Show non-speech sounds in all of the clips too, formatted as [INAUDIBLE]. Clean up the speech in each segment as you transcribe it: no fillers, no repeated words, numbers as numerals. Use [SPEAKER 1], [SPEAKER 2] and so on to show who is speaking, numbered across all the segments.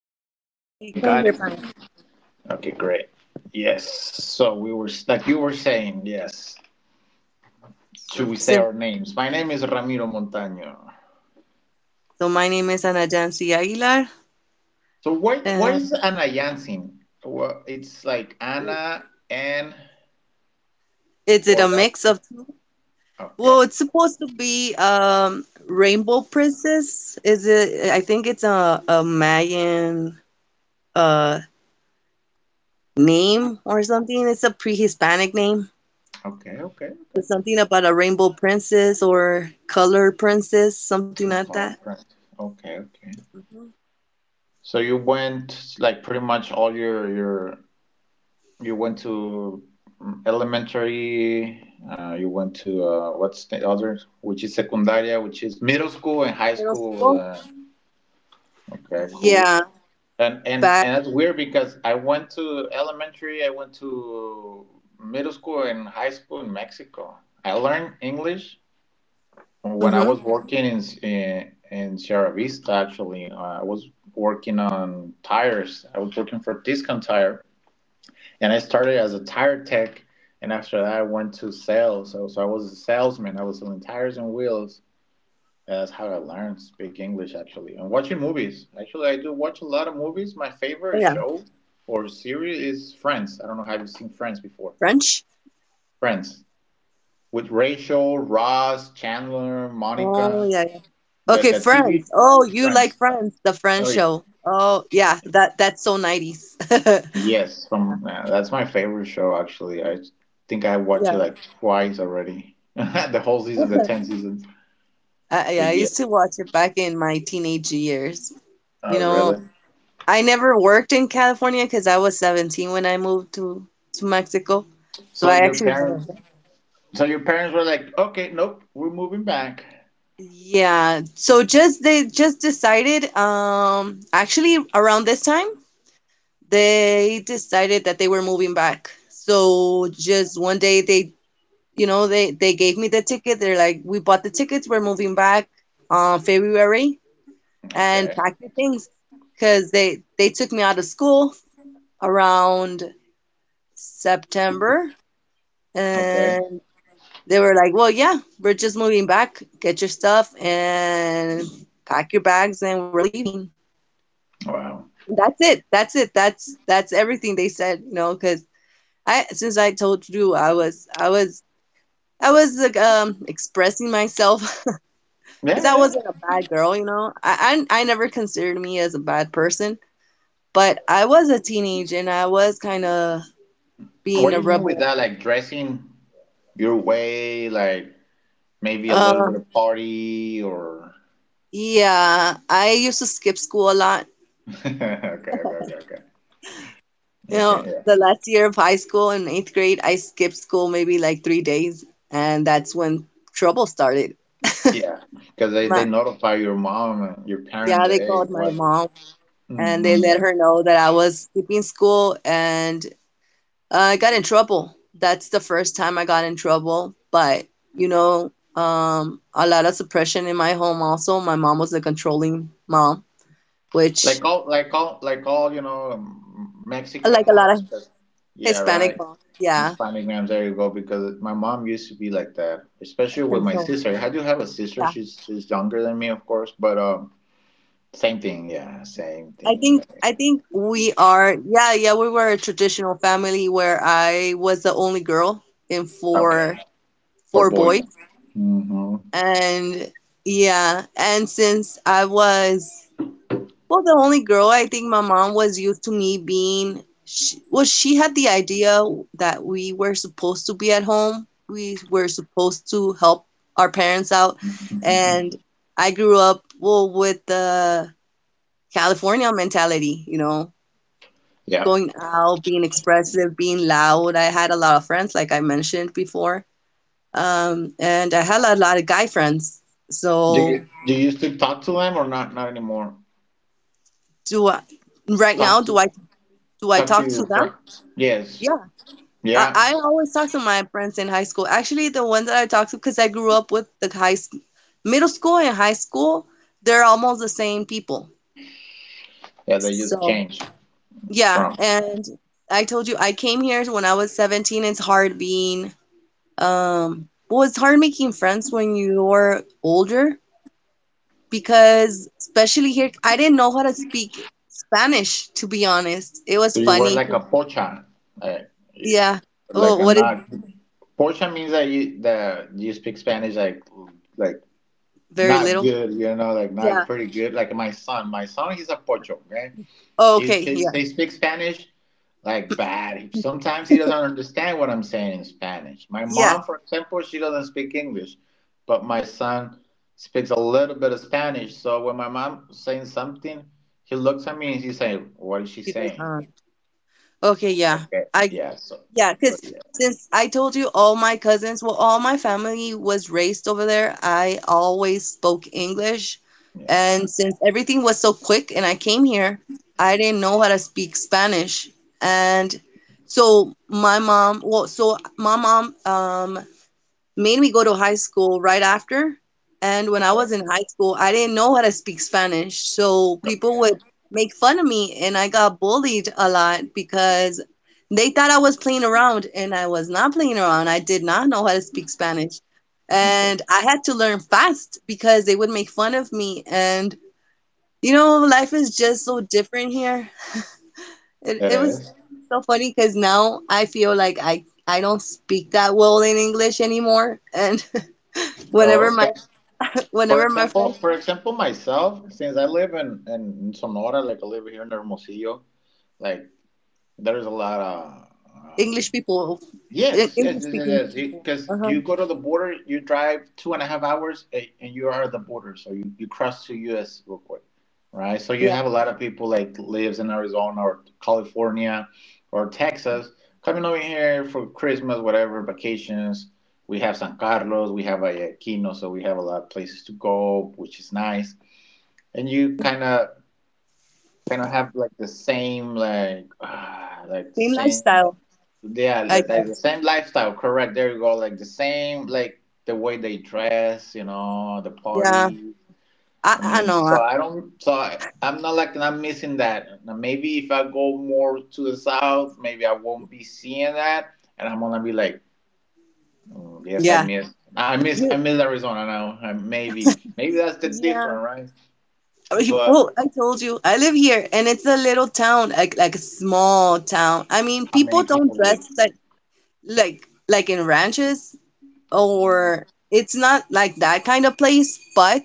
[SPEAKER 1] Yes,
[SPEAKER 2] perfect. Yeah. Okay,
[SPEAKER 1] we
[SPEAKER 2] got
[SPEAKER 1] can
[SPEAKER 2] it.
[SPEAKER 1] hear fine.
[SPEAKER 2] Okay, great. Yes. So we were like you were saying. Yes. Should we
[SPEAKER 1] So,
[SPEAKER 2] say our
[SPEAKER 1] sin-
[SPEAKER 2] names? My name is Ramiro Montaño.
[SPEAKER 1] so my name is Anajansi Aguilar,
[SPEAKER 2] So why is
[SPEAKER 1] and
[SPEAKER 2] Ana Jansen? Well, it's like
[SPEAKER 1] w-
[SPEAKER 2] Anna and
[SPEAKER 1] is it
[SPEAKER 2] or
[SPEAKER 1] a
[SPEAKER 2] that.
[SPEAKER 1] mix of two? Well,
[SPEAKER 2] Okay.
[SPEAKER 1] it's supposed to be Rainbow Princess. Is it? I think it's a Mayan uh name or something. It's a pre-Hispanic name.
[SPEAKER 2] Okay. Okay. Okay.
[SPEAKER 1] It's something about a rainbow princess or color princess, something like
[SPEAKER 2] That's all.
[SPEAKER 1] that.
[SPEAKER 2] Right. Okay. Okay.
[SPEAKER 1] Hmm.
[SPEAKER 2] So you went like pretty much all your you went to elementary. You went to what's the other, which is secundaria, which is middle school and high
[SPEAKER 1] Middle school.
[SPEAKER 2] school. Okay,
[SPEAKER 1] Yeah,
[SPEAKER 2] cool. And and
[SPEAKER 1] back.
[SPEAKER 2] and that's weird because I went to elementary, I went to middle school and high school in Mexico. I learned English when I
[SPEAKER 1] Hmm.
[SPEAKER 2] was working in Sierra Vista. Actually, I was working on tires. I was working for Discount Tire. And I started as a tire tech, and after that, I went to sales. So I was a salesman. I was selling tires and wheels. That's how I learned to speak English, actually. And watching movies. Actually, I do watch a lot of movies. My
[SPEAKER 1] Oh
[SPEAKER 2] favorite
[SPEAKER 1] yeah,
[SPEAKER 2] show or series is Friends. I don't know, have you seen Friends before?
[SPEAKER 1] French.
[SPEAKER 2] Friends with Rachel, Ross, Chandler,
[SPEAKER 1] Oh
[SPEAKER 2] Monica.
[SPEAKER 1] yeah. Yeah.
[SPEAKER 2] That
[SPEAKER 1] Okay,
[SPEAKER 2] that TV.
[SPEAKER 1] Friends. Oh, you like
[SPEAKER 2] Friends.
[SPEAKER 1] Friends, the Friends
[SPEAKER 2] Oh, yeah.
[SPEAKER 1] show. Oh, yeah, that's so 90s. [LAUGHS]
[SPEAKER 2] Yes, from that's my favorite show actually. I think I watched it
[SPEAKER 1] Yeah.
[SPEAKER 2] like twice already. [LAUGHS] The whole season, the 10 seasons. But
[SPEAKER 1] Yeah, I
[SPEAKER 2] yes.
[SPEAKER 1] used to watch it back in my teenage years. You
[SPEAKER 2] Oh,
[SPEAKER 1] know,
[SPEAKER 2] really?
[SPEAKER 1] I never worked in California because I was 17 when I moved to Mexico. So I
[SPEAKER 2] So your
[SPEAKER 1] actually never
[SPEAKER 2] parents
[SPEAKER 1] worked.
[SPEAKER 2] so your parents were like, "Okay, nope, we're moving back."
[SPEAKER 1] Yeah, so just they just decided actually around this time they decided that they were moving back. So just one day they gave me the ticket. They're like, "We bought the tickets, we're moving back on February, and
[SPEAKER 2] Okay.
[SPEAKER 1] pack your things." Because they took me out of school around September,
[SPEAKER 2] Okay.
[SPEAKER 1] and they were like, "Well, yeah, we're just moving back, get your stuff and pack your bags, and we're leaving."
[SPEAKER 2] Wow.
[SPEAKER 1] That's it, that's it, that's everything they said. Because I since I told you, I was like expressing myself.
[SPEAKER 2] Yeah,
[SPEAKER 1] Because I
[SPEAKER 2] yeah.
[SPEAKER 1] wasn't a bad girl. I never considered me as a bad person, but I was a teenage and I was kind of
[SPEAKER 2] What
[SPEAKER 1] being
[SPEAKER 2] do
[SPEAKER 1] a
[SPEAKER 2] you mean with
[SPEAKER 1] rebel.
[SPEAKER 2] that, like dressing your way, like maybe a little
[SPEAKER 1] Uh,
[SPEAKER 2] bit of party or...
[SPEAKER 1] yeah, I used to skip school a lot.
[SPEAKER 2] [LAUGHS] Okay, okay, okay, okay. Okay,
[SPEAKER 1] The
[SPEAKER 2] yeah.
[SPEAKER 1] last year of high school, in eighth grade, I skipped school maybe like 3 days, and that's when trouble started.
[SPEAKER 2] Yeah. Because they
[SPEAKER 1] My,
[SPEAKER 2] notify your mom and your parents
[SPEAKER 1] yeah,
[SPEAKER 2] that,
[SPEAKER 1] they
[SPEAKER 2] hey,
[SPEAKER 1] called my
[SPEAKER 2] what...
[SPEAKER 1] mom and
[SPEAKER 2] Hmm.
[SPEAKER 1] they
[SPEAKER 2] Yeah.
[SPEAKER 1] let her know that I was skipping school, and I got in trouble. That's the first time I got in trouble. But, a lot of suppression in my home also. My mom was a controlling mom, which
[SPEAKER 2] Like all,
[SPEAKER 1] like
[SPEAKER 2] Mexican
[SPEAKER 1] a lot of
[SPEAKER 2] ones. But yeah,
[SPEAKER 1] Hispanic
[SPEAKER 2] right.
[SPEAKER 1] moms, yeah,
[SPEAKER 2] Hispanic names. There you go. Because my mom used to be like that, especially with my
[SPEAKER 1] controlling.
[SPEAKER 2] sister. I do have a sister.
[SPEAKER 1] Yeah.
[SPEAKER 2] She's younger than me, of course. But same thing. Yeah, same
[SPEAKER 1] I
[SPEAKER 2] thing.
[SPEAKER 1] think
[SPEAKER 2] Like,
[SPEAKER 1] I think we are yeah, yeah, we were a traditional family where I was the only girl in
[SPEAKER 2] okay,
[SPEAKER 1] four
[SPEAKER 2] for
[SPEAKER 1] four
[SPEAKER 2] boys.
[SPEAKER 1] boys.
[SPEAKER 2] Hmm.
[SPEAKER 1] And yeah, and since I was Well, the only girl, I think my mom was used to me being. She had the idea that we were supposed to be at home. We were supposed to help our parents out,
[SPEAKER 2] Hmm.
[SPEAKER 1] and I grew up well with the California mentality.
[SPEAKER 2] [LAUGHS] Yeah.
[SPEAKER 1] Going out, being expressive, being loud. I had a lot of friends, like I mentioned before, and I had a lot of guy friends.
[SPEAKER 2] Do
[SPEAKER 1] So,
[SPEAKER 2] you do you still talk to them or not? Not anymore.
[SPEAKER 1] do I, right
[SPEAKER 2] Talk
[SPEAKER 1] now? Do
[SPEAKER 2] to
[SPEAKER 1] I do I
[SPEAKER 2] talk to
[SPEAKER 1] talk to
[SPEAKER 2] your
[SPEAKER 1] them?
[SPEAKER 2] friends. Yes.
[SPEAKER 1] Yeah. I
[SPEAKER 2] Yeah.
[SPEAKER 1] I always talk to my friends in high school. Actually, the ones that I talk to, because I grew up with middle school and high school, they're almost the same people.
[SPEAKER 2] Yeah. They just
[SPEAKER 1] So,
[SPEAKER 2] changed
[SPEAKER 1] yeah,
[SPEAKER 2] from.
[SPEAKER 1] and I told you I came here when I was 17. It's hard making friends when you're older, because especially here, I didn't know how to speak Spanish, to be honest. It was
[SPEAKER 2] So you were
[SPEAKER 1] funny.
[SPEAKER 2] like a pocha, like, you-
[SPEAKER 1] Yeah.
[SPEAKER 2] like
[SPEAKER 1] Oh,
[SPEAKER 2] a
[SPEAKER 1] what is
[SPEAKER 2] not... Pocha means that you speak Spanish like like
[SPEAKER 1] very
[SPEAKER 2] not
[SPEAKER 1] little?
[SPEAKER 2] good, you know, like not
[SPEAKER 1] Yeah.
[SPEAKER 2] pretty good. Like my son, he's a pocho. Okay,
[SPEAKER 1] Oh,
[SPEAKER 2] he
[SPEAKER 1] okay.
[SPEAKER 2] speaks
[SPEAKER 1] Yeah.
[SPEAKER 2] he speaks Spanish like bad. Sometimes he doesn't understand what I'm saying in Spanish. My
[SPEAKER 1] Yeah.
[SPEAKER 2] mom, for example, she doesn't speak English, but my son speaks a little bit of Spanish. So when my mom saying something, he looks at me and he's saying, "What is she
[SPEAKER 1] He does.
[SPEAKER 2] saying?"
[SPEAKER 1] Okay, yeah.
[SPEAKER 2] Okay.
[SPEAKER 1] I
[SPEAKER 2] Yeah. So,
[SPEAKER 1] Yeah,
[SPEAKER 2] but
[SPEAKER 1] because
[SPEAKER 2] yeah.
[SPEAKER 1] since I told you, all my cousins, well, all my family was raised over there, I always spoke English.
[SPEAKER 2] Yeah.
[SPEAKER 1] And since everything was so quick and I came here, I didn't know how to speak Spanish. And so my mom made me go to high school right after. And when I was in high school, I didn't know how to speak Spanish. So people would make fun of me, and I got bullied a lot because they thought I was playing around, and I was not playing around. I did not know how to speak Spanish.
[SPEAKER 2] Okay.
[SPEAKER 1] And I had to learn fast because they would make fun of me. And, life is just so different here. It,
[SPEAKER 2] It
[SPEAKER 1] it was
[SPEAKER 2] is.
[SPEAKER 1] so funny because now I feel like I don't speak that well in English anymore. And
[SPEAKER 2] Oh,
[SPEAKER 1] Whenever my
[SPEAKER 2] okay. For
[SPEAKER 1] whenever my
[SPEAKER 2] example,
[SPEAKER 1] friends
[SPEAKER 2] for
[SPEAKER 1] come,
[SPEAKER 2] example, myself, since I live in Sonora, like I live here in Hermosillo, like there's a lot of, um,
[SPEAKER 1] English people,
[SPEAKER 2] yes, yes,
[SPEAKER 1] English
[SPEAKER 2] yes,
[SPEAKER 1] speaking
[SPEAKER 2] yes.
[SPEAKER 1] people.
[SPEAKER 2] Because
[SPEAKER 1] Uh-huh.
[SPEAKER 2] you go to the border, you drive 2.5 hours, and you are at the border. So you cross to U.S. real quick, right? So you
[SPEAKER 1] Yeah.
[SPEAKER 2] have a lot of people like lives in Arizona or California or Texas coming over here for Christmas, whatever vacations. We have San Carlos, we have Guayaquil, so we have a lot of places to go, which is nice. And you kind of have like the same, like like the
[SPEAKER 1] Same
[SPEAKER 2] same.
[SPEAKER 1] lifestyle,
[SPEAKER 2] Yeah,
[SPEAKER 1] I
[SPEAKER 2] like the
[SPEAKER 1] guess.
[SPEAKER 2] same lifestyle, correct. There you go. Like the same, like the way they dress, you know, the
[SPEAKER 1] Yeah.
[SPEAKER 2] party.
[SPEAKER 1] I
[SPEAKER 2] I
[SPEAKER 1] I
[SPEAKER 2] mean,
[SPEAKER 1] know.
[SPEAKER 2] so I don't, so I'm not like, I'm missing that. Now, maybe if I go more to the south, maybe I won't be seeing that. And I'm gonna be like, "Mm, yes, I
[SPEAKER 1] Yeah.
[SPEAKER 2] miss, I miss, I
[SPEAKER 1] You
[SPEAKER 2] miss Arizona now. Maybe that's the
[SPEAKER 1] Yeah.
[SPEAKER 2] difference, right?"
[SPEAKER 1] Oh,
[SPEAKER 2] But
[SPEAKER 1] well, I told you, I live here and it's a little town, like a small town. I mean,
[SPEAKER 2] how
[SPEAKER 1] people
[SPEAKER 2] many
[SPEAKER 1] don't
[SPEAKER 2] people
[SPEAKER 1] dress
[SPEAKER 2] live?
[SPEAKER 1] like like in ranches, or it's not like that kind of place, but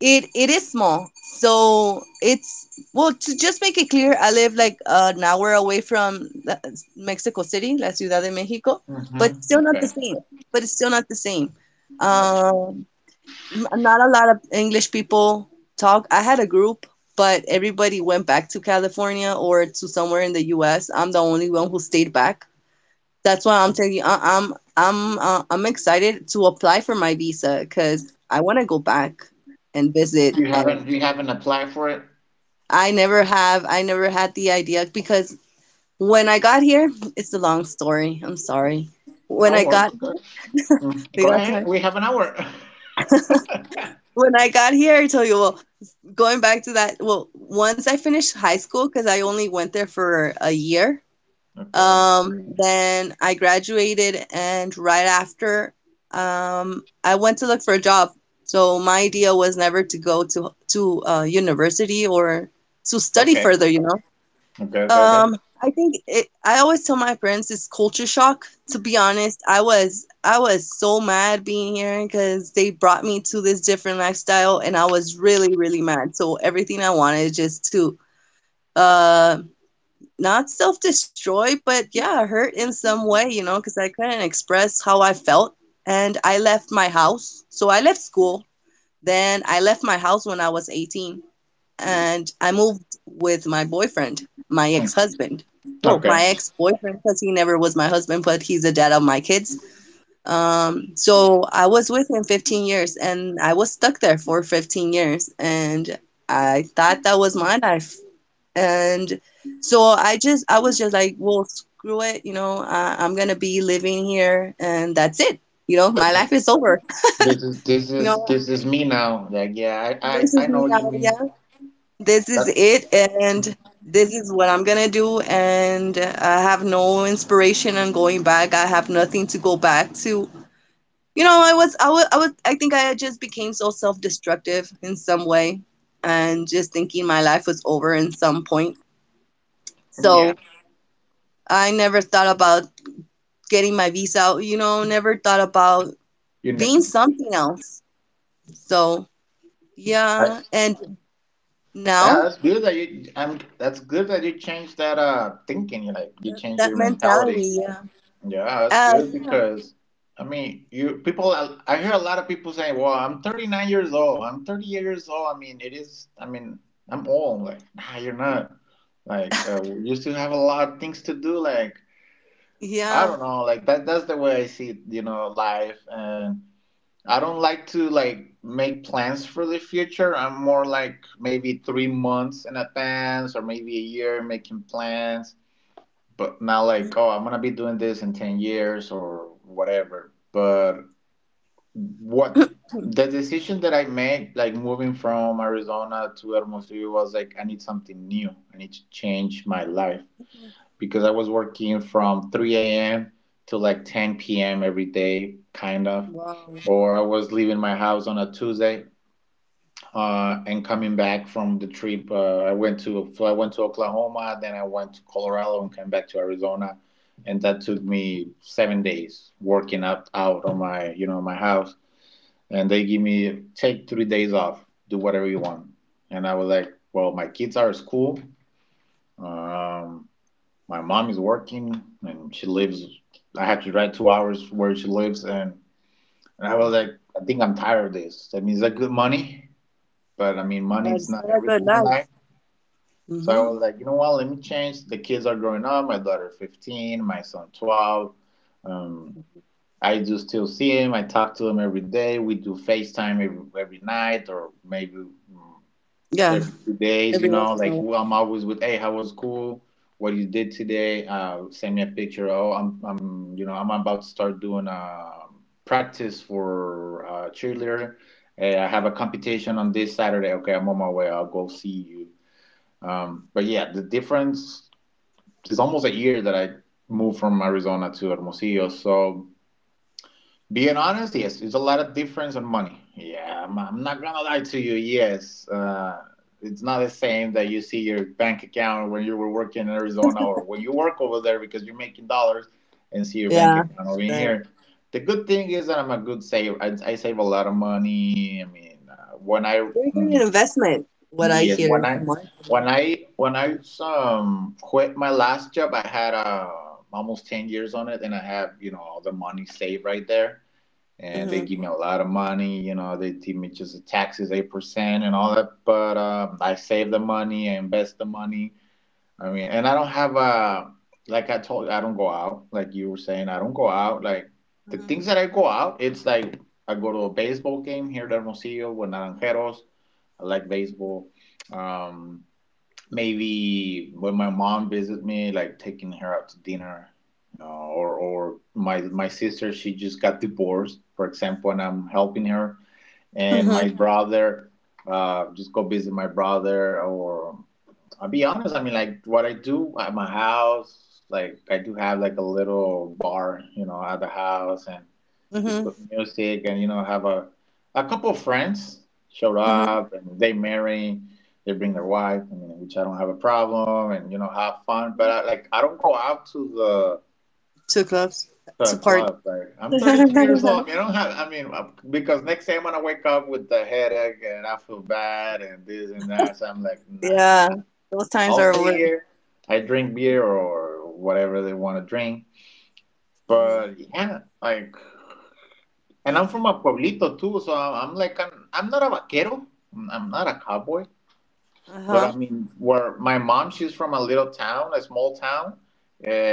[SPEAKER 1] it is small, so it's well, to just make it clear, I live like an hour away from Mexico City, la Ciudad de Mexico. but
[SPEAKER 2] Mm-hmm.
[SPEAKER 1] still not the
[SPEAKER 2] Okay.
[SPEAKER 1] same but it's still not the same.
[SPEAKER 2] Uh,
[SPEAKER 1] um Not a lot of English people talk. I had a group, but everybody went back to California or to somewhere in the US. I'm the only one who stayed back. That's why I'm telling you, I, I'm excited to apply for my visa because I want to go back and visit.
[SPEAKER 2] you haven't applied for it?
[SPEAKER 1] I never have. I never had the idea because when I got here, it's a long story. I'm sorry. When
[SPEAKER 2] No
[SPEAKER 1] I got,
[SPEAKER 2] worries.
[SPEAKER 1] we
[SPEAKER 2] Go
[SPEAKER 1] got
[SPEAKER 2] ahead.
[SPEAKER 1] time.
[SPEAKER 2] We have an hour. [LAUGHS]
[SPEAKER 1] When I got here, I tell you, well, going back to that, well, once I finished high school, because I only went there for a year,
[SPEAKER 2] Okay.
[SPEAKER 1] then I graduated, and right after, I went to look for a job. So my idea was never to go to university or to study
[SPEAKER 2] Okay.
[SPEAKER 1] further.
[SPEAKER 2] Okay. Okay. Okay.
[SPEAKER 1] Um, I always tell my friends it's culture shock. To be honest, I was so mad being here because they brought me to this different lifestyle, and I was really, really mad. So everything I wanted is just to uh not self-destroy, but yeah, hurt in some way, because I couldn't express how I felt, and I left my house. So I left school, then I left my house when I was 18, and I moved with my boyfriend, my
[SPEAKER 2] Mm,
[SPEAKER 1] ex-husband. Well,
[SPEAKER 2] Okay.
[SPEAKER 1] my ex-boyfriend, because he never was my husband, but he's the dad of my kids. So I was with him 15 years, and I was stuck there for 15 years, and I thought that was my life. And so I was just like, well, screw it, I'm gonna be living here, and that's it. My life is over. [LAUGHS]
[SPEAKER 2] This is
[SPEAKER 1] You know,
[SPEAKER 2] me now. Like yeah,
[SPEAKER 1] this
[SPEAKER 2] I
[SPEAKER 1] is
[SPEAKER 2] know
[SPEAKER 1] me
[SPEAKER 2] what you
[SPEAKER 1] now.
[SPEAKER 2] mean.
[SPEAKER 1] Yeah. This is
[SPEAKER 2] That
[SPEAKER 1] it, and this is what I'm gonna do. And I have no inspiration on going back. I have nothing to go back to. I think I just became so self-destructive in some way, and just thinking my life was over in some point.
[SPEAKER 2] yeah.
[SPEAKER 1] So I never thought about getting my visa. Never thought about
[SPEAKER 2] You know.
[SPEAKER 1] being something else. So
[SPEAKER 2] I,
[SPEAKER 1] yeah, and
[SPEAKER 2] yeah,
[SPEAKER 1] now
[SPEAKER 2] that's good that you. I'm. That's good that you changed that thinking. You like you changed
[SPEAKER 1] that
[SPEAKER 2] your mentality.
[SPEAKER 1] mentality, yeah,
[SPEAKER 2] Yeah, that's
[SPEAKER 1] uh,
[SPEAKER 2] good because I mean, you people. I hear a lot of people saying, "Well, I'm 39 years old. I'm 30 years old." I mean, it is. I mean, I'm old. Like, nah, you're not. Like, you still have a lot of things to do. Like, I don't
[SPEAKER 1] yeah.
[SPEAKER 2] know. Like that. That's the way I see, you know, life. And I don't like to like make plans for the future. I'm more like maybe 3 months in advance or maybe a year making plans, but not
[SPEAKER 1] Yeah.
[SPEAKER 2] like, oh, I'm gonna be doing this in 10 years or whatever. But what,
[SPEAKER 1] [CLEARS THROAT]
[SPEAKER 2] the decision that I made, like moving from Arizona to Hermosillo, was like, I need something new, I need to change my life,
[SPEAKER 1] Mm,
[SPEAKER 2] because I was working from 3 a.m. to like 10 p.m. every day kind of,
[SPEAKER 1] wow.
[SPEAKER 2] or I was leaving my house on a Tuesday, and coming back from the trip. I went to So I went to Oklahoma, then I went to Colorado and came back to Arizona, and that took me 7 days working up out on my, my house, and they give me take 3 days off, do whatever you want, and I was like, well, my kids are at school, um, my mom is working, and she lives. I had to drive 2 hours where she lives, and I was like,
[SPEAKER 1] Hmm.
[SPEAKER 2] I think I'm tired of this. I mean, it's like good money, but I mean, money
[SPEAKER 1] But
[SPEAKER 2] is
[SPEAKER 1] it's
[SPEAKER 2] not
[SPEAKER 1] not a good
[SPEAKER 2] everything in
[SPEAKER 1] life.
[SPEAKER 2] life. So I
[SPEAKER 1] Hmm.
[SPEAKER 2] was like, you know what? Let me change. The kids are growing up. My daughter 15, my son 12. Um, I do still see him. I talk to him every day. We do FaceTime every night or maybe
[SPEAKER 1] Yeah,
[SPEAKER 2] every 2 days, you
[SPEAKER 1] every
[SPEAKER 2] know.
[SPEAKER 1] once in
[SPEAKER 2] Like,
[SPEAKER 1] a while.
[SPEAKER 2] well, I'm always with, hey, how was school? What you did today? Send me a picture. Oh, I'm about to start doing a practice for cheerleader. Hey, I have a competition on this Saturday. Okay, I'm on my way. I'll go see you, but yeah, the difference is almost a year that I moved from Arizona to Hermosillo. So being honest, yes, it's a lot of difference on money. Yeah, I'm not gonna lie to you. Yes, it's not the same that you see your bank account when you were working in Arizona or when you work over there because you're making dollars and see your bank
[SPEAKER 1] Yeah,
[SPEAKER 2] account
[SPEAKER 1] I
[SPEAKER 2] over
[SPEAKER 1] bet.
[SPEAKER 2] here. The good thing is that I'm a good saver. I save a lot of money. I mean,
[SPEAKER 1] Very good at investment, what I
[SPEAKER 2] yes,
[SPEAKER 1] hear
[SPEAKER 2] when
[SPEAKER 1] in
[SPEAKER 2] I when
[SPEAKER 1] marketing.
[SPEAKER 2] I when I quit my last job, I had almost 10 years on it, and I have, all the money saved right there, and they
[SPEAKER 1] Hmm.
[SPEAKER 2] give me a lot of money. You know, they give me just the taxes 8% and all that, but I save the money, I invest the money. I mean, and I don't have a, like I told you, I don't go out like you were saying. I don't go out, like, the things that I go out. It's like I go to a baseball game here at Hermosillo with Naranjeros. I like baseball. Um, maybe when my mom visits me, like taking her out to dinner, you know, or my sister, she just got divorced, for example, and I'm helping her,
[SPEAKER 1] Hmm.
[SPEAKER 2] and
[SPEAKER 1] Hmm.
[SPEAKER 2] my, Mhm, brother, just go visit my brother, or I'll be honest. I mean, like what I do at my house, like I do have like a little bar, you know, at the house, and just
[SPEAKER 1] Hmm.
[SPEAKER 2] put music, and have a couple of friends showed
[SPEAKER 1] Hmm.
[SPEAKER 2] up, and they marry, they bring their wife. I mean, which I don't have a problem, and have fun. But I, like, I don't go out
[SPEAKER 1] Two clubs,
[SPEAKER 2] to a
[SPEAKER 1] two party.
[SPEAKER 2] club. Like, I'm 33 years old. I mean, I
[SPEAKER 1] [LAUGHS]
[SPEAKER 2] don't have. I mean, because next day I'm gonna wake up with the headache, and I feel bad, and this and that. So I'm like, nah.
[SPEAKER 1] Yeah, those times
[SPEAKER 2] I'll
[SPEAKER 1] are
[SPEAKER 2] stay
[SPEAKER 1] over.
[SPEAKER 2] here. I drink beer or whatever they want to drink.
[SPEAKER 1] Hmm.
[SPEAKER 2] But yeah, like, and I'm from a pueblito too, so I'm like, I'm not a vaquero. I'm not a cowboy. But I
[SPEAKER 1] Uh-huh.
[SPEAKER 2] mean, where my mom, she's from a little town, a small town,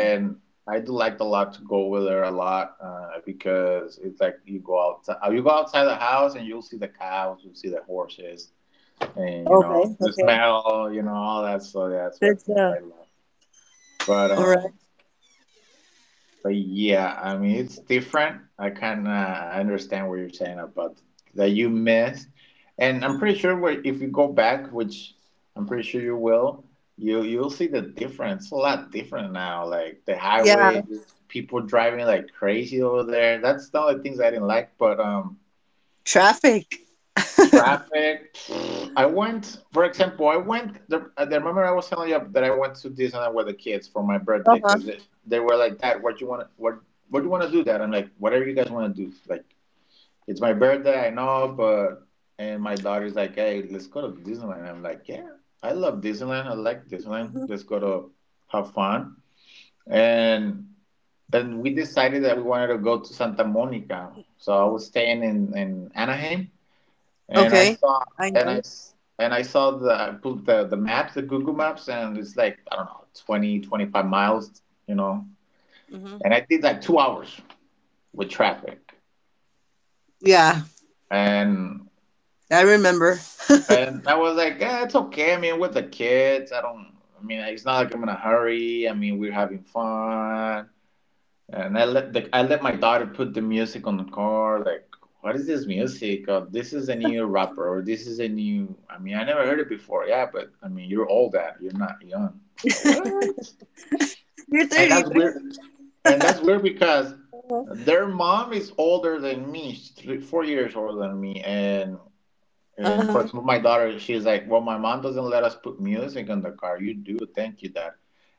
[SPEAKER 1] Mhm.
[SPEAKER 2] I do like a lot to go with her a lot because it's like you go outside the house and you'll see the cows, you'll see the horses, and you know
[SPEAKER 1] Okay,
[SPEAKER 2] the
[SPEAKER 1] okay.
[SPEAKER 2] smell, you know all that. So that's
[SPEAKER 1] That's
[SPEAKER 2] what things that I love. But
[SPEAKER 1] All right.
[SPEAKER 2] um, But yeah, I mean it's different. I can I understand what you're saying about that you missed, and I'm pretty sure if you go back, which I'm pretty sure you will, you'll see the difference. It's a lot different now. Like the
[SPEAKER 1] Yeah,
[SPEAKER 2] highways, people driving like crazy over there. That's the only things I didn't like. But
[SPEAKER 1] traffic. [LAUGHS] Uh-huh.
[SPEAKER 2] Traffic. I went, for example, I remember I was telling you that I went to Disneyland with the kids for my birthday because they were like, "Dad, what do you want to do, Dad?" I'm like, "Whatever you guys want to do. Like, it's my birthday, I know, but." And my daughter's like, "Hey, let's go to Disneyland." I'm like, "Yeah, I love Disneyland. I like Disneyland.
[SPEAKER 1] Hmm.
[SPEAKER 2] Let's go to have fun." And and we decided that we wanted to go to Santa Monica. So I was staying in Anaheim and I
[SPEAKER 1] Okay,
[SPEAKER 2] saw
[SPEAKER 1] I know.
[SPEAKER 2] and I saw the maps, the Google Maps, and it's like I don't know 20 25 miles, you know.
[SPEAKER 1] Hmm.
[SPEAKER 2] And I did like 2 hours with traffic,
[SPEAKER 1] Yeah,
[SPEAKER 2] and
[SPEAKER 1] I remember. [LAUGHS]
[SPEAKER 2] and I was like, eh, it's okay. I mean, with the kids, I don't. I mean, it's not like I'm in a hurry. I mean, we're having fun. And I let my daughter put the music on the car. Like, what is this music? This is a new rapper. Or this is a new. I mean, I never heard it before. Yeah, but I mean, you're old. Dad. You're not young. Like,
[SPEAKER 1] [LAUGHS]
[SPEAKER 2] what?
[SPEAKER 1] You're
[SPEAKER 2] And that's
[SPEAKER 1] 33.
[SPEAKER 2] weird. And
[SPEAKER 1] [LAUGHS]
[SPEAKER 2] that's weird because
[SPEAKER 1] Uh-huh.
[SPEAKER 2] their mom is older than me, three, 4 years older than me. And
[SPEAKER 1] Uh-huh.
[SPEAKER 2] for example, my daughter, she's like, well, my mom doesn't let us put music on the car. You do, thank you, dad.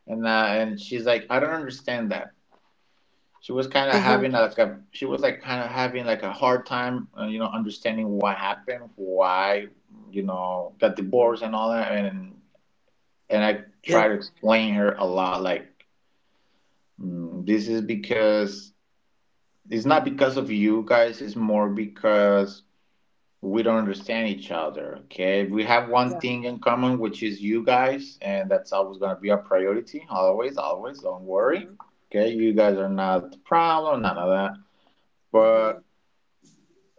[SPEAKER 2] And uh, and she's like, I don't understand that.
[SPEAKER 1] Uh-huh.
[SPEAKER 2] She was like kind of having like a hard time, you know, understanding what happened, why, you know, got
[SPEAKER 1] Hmm.
[SPEAKER 2] divorced and all that. And I
[SPEAKER 1] Yeah.
[SPEAKER 2] try to explain her a lot, like this is because it's not because of you guys. It's more because we don't understand each other. Okay, we have
[SPEAKER 1] Yeah.
[SPEAKER 2] one thing in common, which is you guys, and that's always gonna be our priority. Always, always. Don't worry.
[SPEAKER 1] Mm-hmm.
[SPEAKER 2] Okay, you guys are not the problem, none of that.
[SPEAKER 1] Mm-hmm.
[SPEAKER 2] But.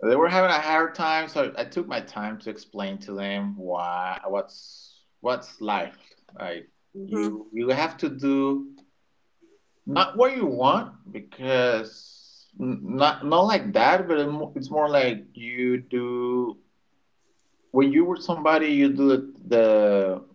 [SPEAKER 2] They were having a hard time, so I took my time to explain to them why what's life. Like
[SPEAKER 1] Mm-hmm. Of
[SPEAKER 2] you have to do not what you want because not like that, but it's more like you do when you were somebody, you do the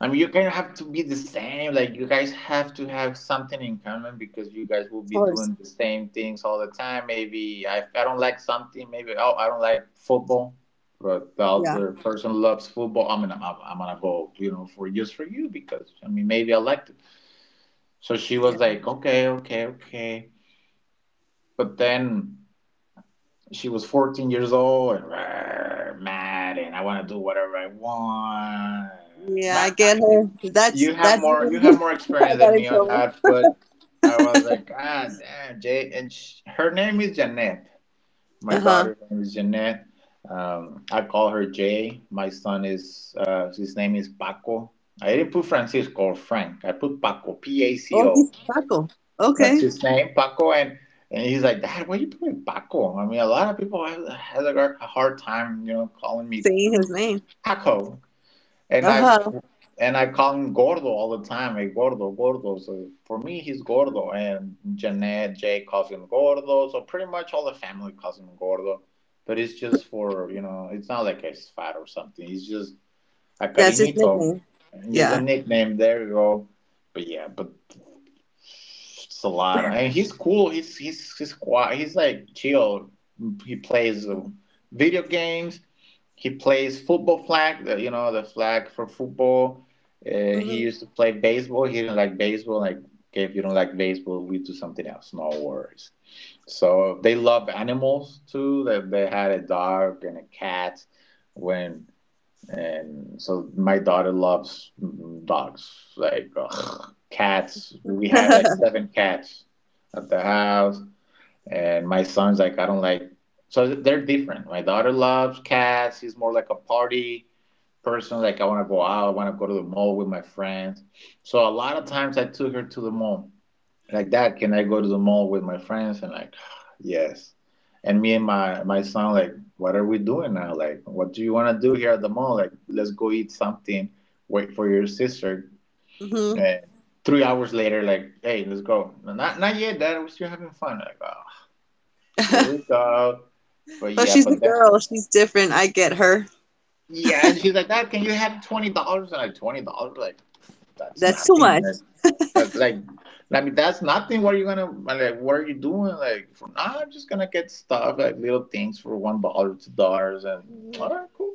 [SPEAKER 2] I mean, you kind of have to be the same. Like, you guys have to have something in common because you guys will be
[SPEAKER 1] course.
[SPEAKER 2] doing the same things all the time. Maybe I don't like something. Maybe oh, I don't like football, but the
[SPEAKER 1] Yeah.
[SPEAKER 2] other person loves football. I mean, I'm gonna go, you know, for just for you because I mean, maybe I liked it. So she was
[SPEAKER 1] Yeah.
[SPEAKER 2] like, okay, okay, okay. But then she was 14 years old and "Rah, mad, and I want to do whatever I want.
[SPEAKER 1] Yeah, I
[SPEAKER 2] My
[SPEAKER 1] get her. That's that's the
[SPEAKER 2] you have
[SPEAKER 1] reason.
[SPEAKER 2] more
[SPEAKER 1] [LAUGHS] I
[SPEAKER 2] experience than
[SPEAKER 1] got in
[SPEAKER 2] me on
[SPEAKER 1] trouble.
[SPEAKER 2] that, but I was
[SPEAKER 1] [LAUGHS]
[SPEAKER 2] like, ah, damn, Jay. And sh her name is Jeanette. My
[SPEAKER 1] Uh-huh.
[SPEAKER 2] daughter's name is Jeanette. I call her Jay. My son is his name is Paco. I didn't put Francisco or Frank. I put Paco, P A C
[SPEAKER 1] Oh,
[SPEAKER 2] O.
[SPEAKER 1] he's Paco.
[SPEAKER 2] That's
[SPEAKER 1] Okay.
[SPEAKER 2] his name, Paco. And he's like, Dad, why are you putting Paco? I mean, a lot of people have a hard time, you know, calling me
[SPEAKER 1] Saying his name.
[SPEAKER 2] Paco. And I
[SPEAKER 1] Uh-huh.
[SPEAKER 2] and I call him Gordo all the time. Hey, Gordo, Gordo. So for me, he's Gordo, and Jeanette, Jay calls him Gordo. So pretty much all the family calls him Gordo. But it's just for you know, it's not like it's fat or something. It's just a
[SPEAKER 1] That's his
[SPEAKER 2] cariñito.
[SPEAKER 1] nickname.
[SPEAKER 2] There's a
[SPEAKER 1] Yeah.
[SPEAKER 2] nickname. There you go. But yeah, but it's a lot. And he's cool. He's quiet. He's like chill. He plays video games. He plays football flag, the, you know, the flag for football. Uh, he
[SPEAKER 1] Mm-hmm.
[SPEAKER 2] used to play baseball. He didn't like baseball. Like, okay, if you don't like baseball, we do something else. No worries. So they love animals too. They had a dog and a cat when and so my daughter loves dogs like ugh, cats we had like seven cats at the house and my son's like, I don't like. So they're different. My daughter loves cats. She's more like a party person. Like I want to go out. I want to go to the mall with my friends. So a lot of times I took her to the mall. Like Dad, can I go to the mall with my friends? And like, [SIGHS] yes. And me and my son like, what are we doing now? Like, what do you want to do here at the mall? Like, let's go eat something. Wait for your sister.
[SPEAKER 1] [LAUGHS] Hmm.
[SPEAKER 2] And 3 hours later, like, hey, let's go. No, not yet, Dad. We're still having fun. Like, oh. Here
[SPEAKER 1] [LAUGHS]
[SPEAKER 2] we go. But
[SPEAKER 1] But
[SPEAKER 2] yeah,
[SPEAKER 1] she's a
[SPEAKER 2] but then
[SPEAKER 1] girl. She's different. I get her.
[SPEAKER 2] yeah, and she's like, "Dad, can you have $20?" And like $20, like that's
[SPEAKER 1] That's too
[SPEAKER 2] nothing.
[SPEAKER 1] much.
[SPEAKER 2] Like, like, I mean, that's nothing. What are you gonna like? What are you doing? Like, for now, I'm just gonna get stuff like little things for $1, $2, and
[SPEAKER 1] Hmm.
[SPEAKER 2] all right, cool.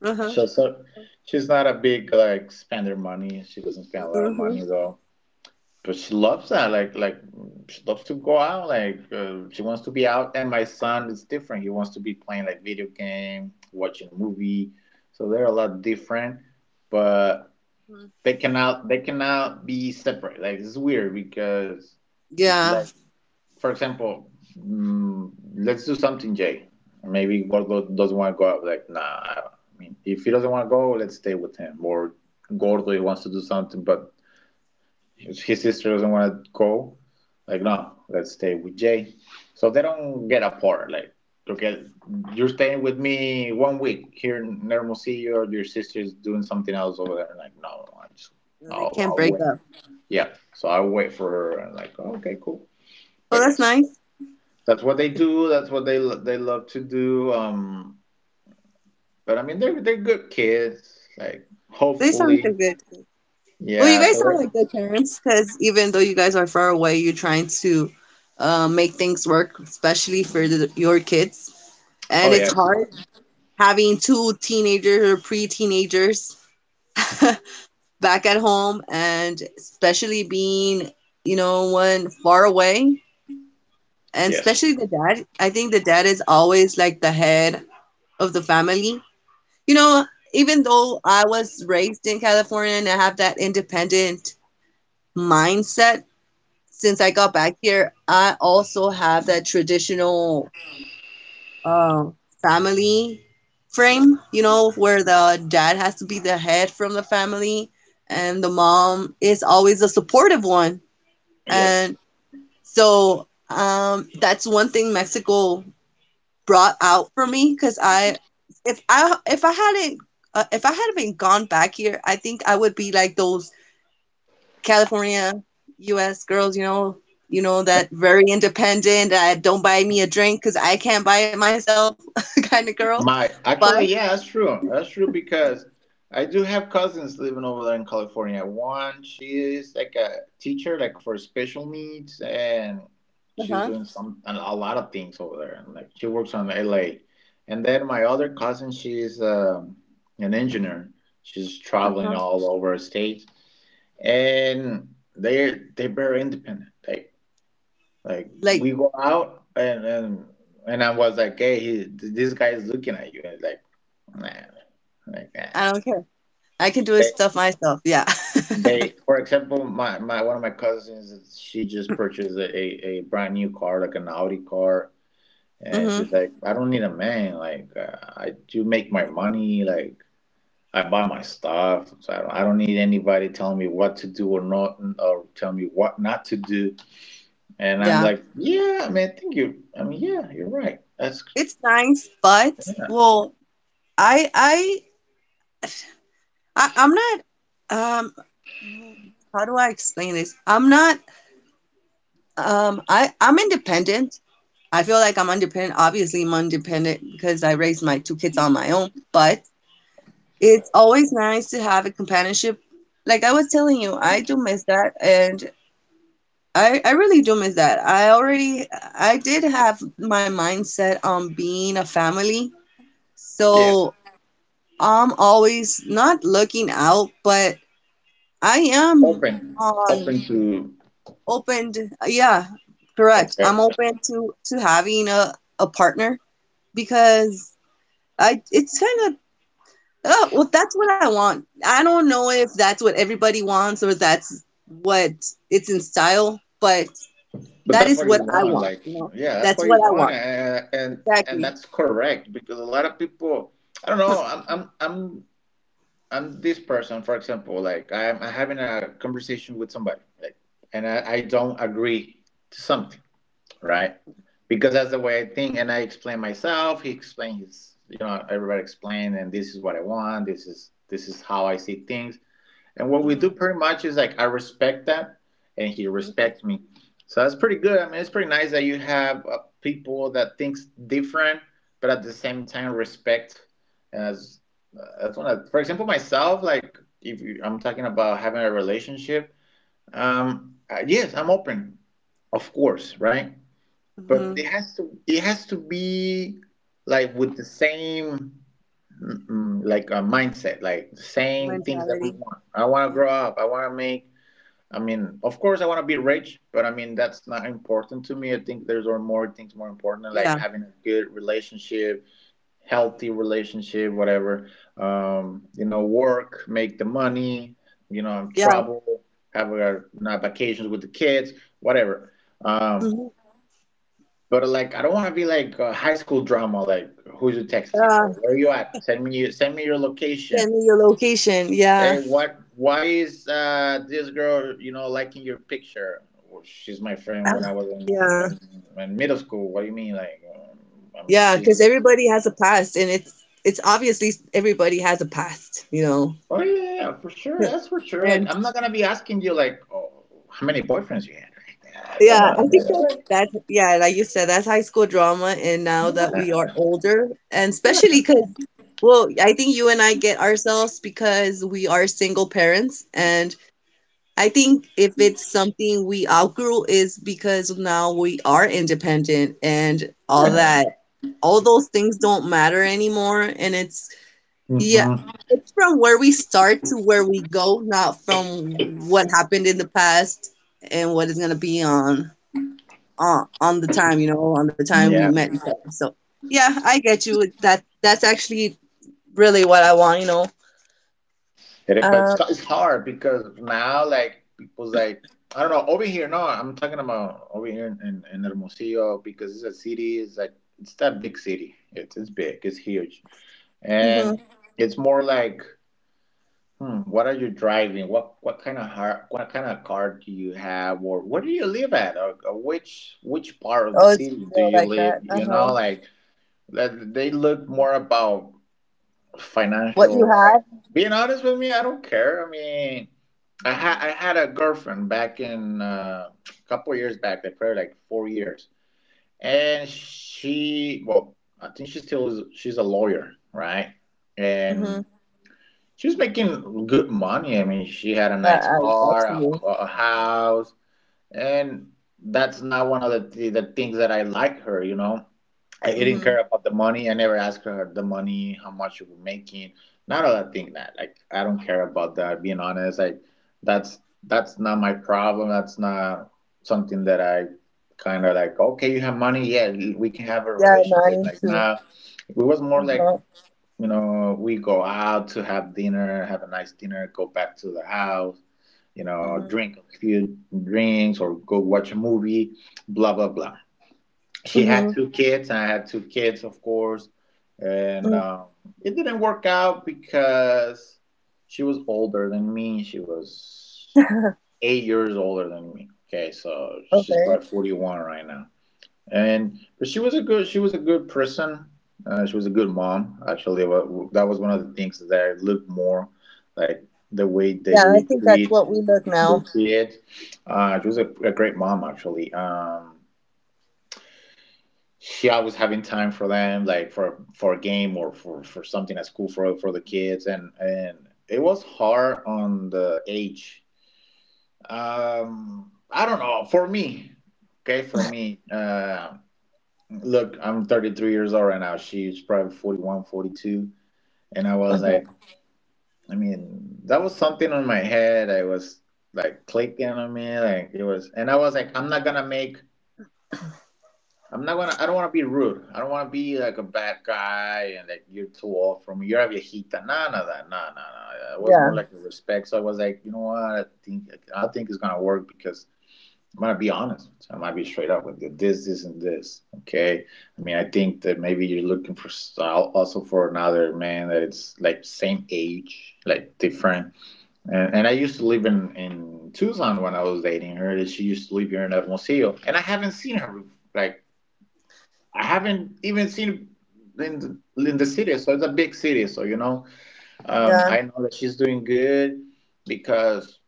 [SPEAKER 1] Uh-huh.
[SPEAKER 2] So she's not a big like spender money. She doesn't spend a lot of
[SPEAKER 1] Hmm.
[SPEAKER 2] money though. But she loves that. Like she loves to go out. Like she wants to be out. And my son is different. He wants to be playing like video game, watching a movie. So they're a lot different, but they cannot be separate. Like it's weird because
[SPEAKER 1] Yeah.
[SPEAKER 2] like for example, let's do something, Jay. Maybe Gordo doesn't want to go out. Like nah. I mean, if he doesn't want to go, let's stay with him. Or Gordo he wants to do something, but his sister doesn't want to go. Like, no, let's stay with Jay. So they don't get apart. Like, okay, you're staying with me one week here in Hermosillo, or your sister's doing something else over there. Like, no,
[SPEAKER 1] Know, they can't
[SPEAKER 2] I'll
[SPEAKER 1] break up.
[SPEAKER 2] wait. Yeah, so I wait for her, and like, oh, okay, cool.
[SPEAKER 1] Oh,
[SPEAKER 2] But
[SPEAKER 1] that's
[SPEAKER 2] yes,
[SPEAKER 1] nice.
[SPEAKER 2] that's what they do. That's what they love to do. But I mean, they're good kids. Like,
[SPEAKER 1] They sound
[SPEAKER 2] hopefully,
[SPEAKER 1] like good. Well, you
[SPEAKER 2] yeah.
[SPEAKER 1] guys sound
[SPEAKER 2] So,
[SPEAKER 1] like good parents because even though you guys are far away, you're trying to make things work, especially for your kids.
[SPEAKER 2] oh
[SPEAKER 1] And it's
[SPEAKER 2] yes,
[SPEAKER 1] hard having two teenagers or pre-teenagers [LAUGHS] back at home, and especially being, one far away. And
[SPEAKER 2] yes,
[SPEAKER 1] especially the dad. I think the dad is always like the head of the family you know, even though I was raised in California and I have that independent mindset. Since I got back here, I also have that traditional um, family frame, where the dad has to be the head from the family and the mom is always a supportive one.
[SPEAKER 2] yes.
[SPEAKER 1] And so that's one thing Mexico brought out for me. Because I if I if I hadn't been gone back here, I think I would be like those California U.S. girls, you know that very independent. Don't buy me a drink because I can't buy it myself, [LAUGHS] kind of girl.
[SPEAKER 2] My
[SPEAKER 1] But
[SPEAKER 2] actually, yeah, that's true. That's true because I do have cousins living over there in California. One, she is like a teacher, like for special needs, and she's
[SPEAKER 1] uh-huh,
[SPEAKER 2] doing some a lot of things over there. And like she works on LA. And then my other cousin, she's an engineer. She's traveling
[SPEAKER 1] uh-huh.
[SPEAKER 2] all over the states, and they're very independent. Like
[SPEAKER 1] Like,
[SPEAKER 2] we go out and I was like, hey, he, this guy is looking at you, and it's like, nah, like nah.
[SPEAKER 1] I don't care. I can do it
[SPEAKER 2] They
[SPEAKER 1] stuff myself. Yeah. [LAUGHS]
[SPEAKER 2] they for example, my one of my cousins, she just purchased a brand new car, like an Audi car, and
[SPEAKER 1] hmm
[SPEAKER 2] she's like, I don't need a man. Like I do make my
[SPEAKER 1] hmm
[SPEAKER 2] money, like. I buy my stuff, so I don't need anybody telling me what to do or not, or tell me what not to do. And I'm
[SPEAKER 1] Yeah.
[SPEAKER 2] like, yeah, man, mean, I mean, yeah, you're right. That's
[SPEAKER 1] it's nice, but well, I I I, I'm not um mm, how do I explain this? I'm not I I'm independent. I feel like I'm independent. Obviously, I'm independent because I raised my two kids on my own, but it's always nice to have a companionship. Like I was telling you, I do miss that, and I really do miss that. I did have my mindset on being a family.
[SPEAKER 2] Yes,
[SPEAKER 1] So I'm always not looking out, but I am
[SPEAKER 2] open, open
[SPEAKER 1] on
[SPEAKER 2] to
[SPEAKER 1] opened yeah, correct,
[SPEAKER 2] okay,
[SPEAKER 1] I'm open to having a partner, because I it's kind of oh well, that's what I want. I don't know if that's what everybody wants, or that's what it's in style, but
[SPEAKER 2] but
[SPEAKER 1] that
[SPEAKER 2] that's
[SPEAKER 1] is
[SPEAKER 2] what you
[SPEAKER 1] what I
[SPEAKER 2] want.
[SPEAKER 1] want,
[SPEAKER 2] Like,
[SPEAKER 1] you know.
[SPEAKER 2] yeah, that's
[SPEAKER 1] That's
[SPEAKER 2] what you
[SPEAKER 1] what I
[SPEAKER 2] want,
[SPEAKER 1] want,
[SPEAKER 2] and
[SPEAKER 1] exactly.
[SPEAKER 2] that's correct because a lot of people, I don't know, I'm I'm this person, for example, like I'm having a conversation with somebody, like, and I don't agree to something, right? Because that's the way I think, and I explain myself. He explains his, you know, everybody explain, and this is what I want. This is how I see things. And what we do
[SPEAKER 1] hmm
[SPEAKER 2] pretty much is like I respect that, and he respects me. So that's pretty good. I mean, it's pretty nice that you have people that thinks different, but at the same time respect. And that's one. Of, for example, myself, like if you, I'm talking about having a relationship. Yes, I'm open, of course, right? But
[SPEAKER 1] hmm
[SPEAKER 2] it has to be like with the same like a mindset, like the same things that we
[SPEAKER 1] mentality
[SPEAKER 2] want. I want to
[SPEAKER 1] Uh,
[SPEAKER 2] grow up. I want to make. I mean, of course, I want to be rich, but I mean that's not important to me. I think there's are more things more important, like
[SPEAKER 1] yeah,
[SPEAKER 2] having a good relationship, healthy relationship, whatever. Work, make the money.
[SPEAKER 1] yeah.
[SPEAKER 2] Travel, have a, not vacations with the kids, whatever. Um,
[SPEAKER 1] hmm
[SPEAKER 2] but like, I don't want to be like a high school drama, like who's you texting
[SPEAKER 1] uh,
[SPEAKER 2] or where you at? Send me your location.
[SPEAKER 1] send me your location,
[SPEAKER 2] Hey,
[SPEAKER 1] yeah.
[SPEAKER 2] what? Why is this girl, liking your picture? Well, she's my
[SPEAKER 1] [SIGHS]
[SPEAKER 2] friend when I
[SPEAKER 1] Ah,
[SPEAKER 2] was in
[SPEAKER 1] yeah.
[SPEAKER 2] when middle school. What do you mean? I mean,
[SPEAKER 1] Yeah,
[SPEAKER 2] she's
[SPEAKER 1] because
[SPEAKER 2] like,
[SPEAKER 1] everybody has a past, and it's obviously everybody has a past, you know.
[SPEAKER 2] oh yeah, yeah, yeah, for sure, that's for sure. Like,
[SPEAKER 1] And
[SPEAKER 2] I'm not gonna be asking you like, oh, how many boyfriends you had? Like, ah, come
[SPEAKER 1] yeah, I
[SPEAKER 2] on, dude.
[SPEAKER 1] think that's
[SPEAKER 2] Like,
[SPEAKER 1] that's yeah, like you said, that's high school drama. And now that we are older, and
[SPEAKER 2] yeah,
[SPEAKER 1] especially because, well, I think you and I get ourselves because we are single parents. And I think if it's something we outgrew is because now we are independent, and all
[SPEAKER 2] yeah.
[SPEAKER 1] that. All those things don't matter anymore. And it's yeah,
[SPEAKER 2] Hmm,
[SPEAKER 1] it's from where we start to where we go, not from what happened in the past, and what is gonna be on the time, you know, on the time we
[SPEAKER 2] yeah.
[SPEAKER 1] met each other. So yeah, I get you. With That that's actually really what I want, you know.
[SPEAKER 2] Hit it, but
[SPEAKER 1] Um,
[SPEAKER 2] it's hard because now like people's like I don't know over here. No, I'm talking about over here in, in Hermosillo because it's a city. It's like it's that big city. It's big. It's huge,
[SPEAKER 1] mhm.
[SPEAKER 2] and it's more like what are you driving? What kind of har what kind of car do you have, or where do you live at, or which part of the
[SPEAKER 1] Oh, it's
[SPEAKER 2] city do
[SPEAKER 1] still
[SPEAKER 2] you
[SPEAKER 1] like
[SPEAKER 2] live?
[SPEAKER 1] that.
[SPEAKER 2] You know,
[SPEAKER 1] Uh-huh.
[SPEAKER 2] like that- they look
[SPEAKER 1] Mhm.
[SPEAKER 2] more about
[SPEAKER 1] What you
[SPEAKER 2] financial like
[SPEAKER 1] have.
[SPEAKER 2] being honest with me, I don't care. I mean, I
[SPEAKER 1] hmm
[SPEAKER 2] had a girlfriend back in a couple of years back, like probably like 4 years. And she, well, I think she still is, she's a lawyer, right?
[SPEAKER 1] hmm
[SPEAKER 2] And she was making good money. I mean, she had a nice
[SPEAKER 1] I get
[SPEAKER 2] car,
[SPEAKER 1] you.
[SPEAKER 2] a house. And that's not one of the things that I like her. You know, I didn't
[SPEAKER 1] Mm-hmm.
[SPEAKER 2] care about the money. I never asked her the money, how much you were making, none of that thing. That, like, I don't care about that. Being honest, like that's not my problem. That's not something that I kind of like. Okay, you have money, yeah, we can have a
[SPEAKER 1] Yeah, no, I
[SPEAKER 2] relationship.
[SPEAKER 1] need
[SPEAKER 2] Like
[SPEAKER 1] to.
[SPEAKER 2] nah, it was more like
[SPEAKER 1] Uh-huh.
[SPEAKER 2] you know we go out to have dinner, have a nice dinner, go back to the house, you know, drink a few drinks or go watch a movie, blah, blah, blah. She
[SPEAKER 1] Mm-hmm.
[SPEAKER 2] had 2 kids, and I had 2 kids, of course. And
[SPEAKER 1] hmm
[SPEAKER 2] it didn't work out because she was older than me. She was
[SPEAKER 1] [LAUGHS]
[SPEAKER 2] 8 years older than me. Okay, so she's
[SPEAKER 1] Okay.
[SPEAKER 2] probably 41 right now. And but she was a good person. She was a good mom, actually. That was one of the things that I look more like the way that
[SPEAKER 1] Yeah, I
[SPEAKER 2] you
[SPEAKER 1] think that's
[SPEAKER 2] treat
[SPEAKER 1] what we look
[SPEAKER 2] the
[SPEAKER 1] now.
[SPEAKER 2] kid. She was a great mom actually. She always having time for them, like for a game or for something at school for the kids, and it was hard on the age. I don't know for me. Okay, for me, look, I'm 33 years old right now. She's probably 41, 42. And I was
[SPEAKER 1] Uh-huh.
[SPEAKER 2] like, I mean, that was something on my head. I was like clicking on me. Like it was, and I was like, I'm not going to, I don't want to be rude. I don't want to be like a bad guy and like you're too old for me. You're a viejita. Nah, nah, that. Nah, nah, nah. It was more
[SPEAKER 1] Yeah,
[SPEAKER 2] like a respect. So I was like, you know what? I think it's going to work because I'm gonna be honest. I'm gonna be straight up with you. This isn't this. Okay. I mean, I think that maybe you're looking for style also for another man that it's like same age, like different. And I used to live in Tucson when I was dating her. And she used to live here in Hermosillo, and I haven't seen her. Like I haven't even seen her in the city. So it's a big city. So you know,
[SPEAKER 1] yeah.
[SPEAKER 2] I know that she's doing good because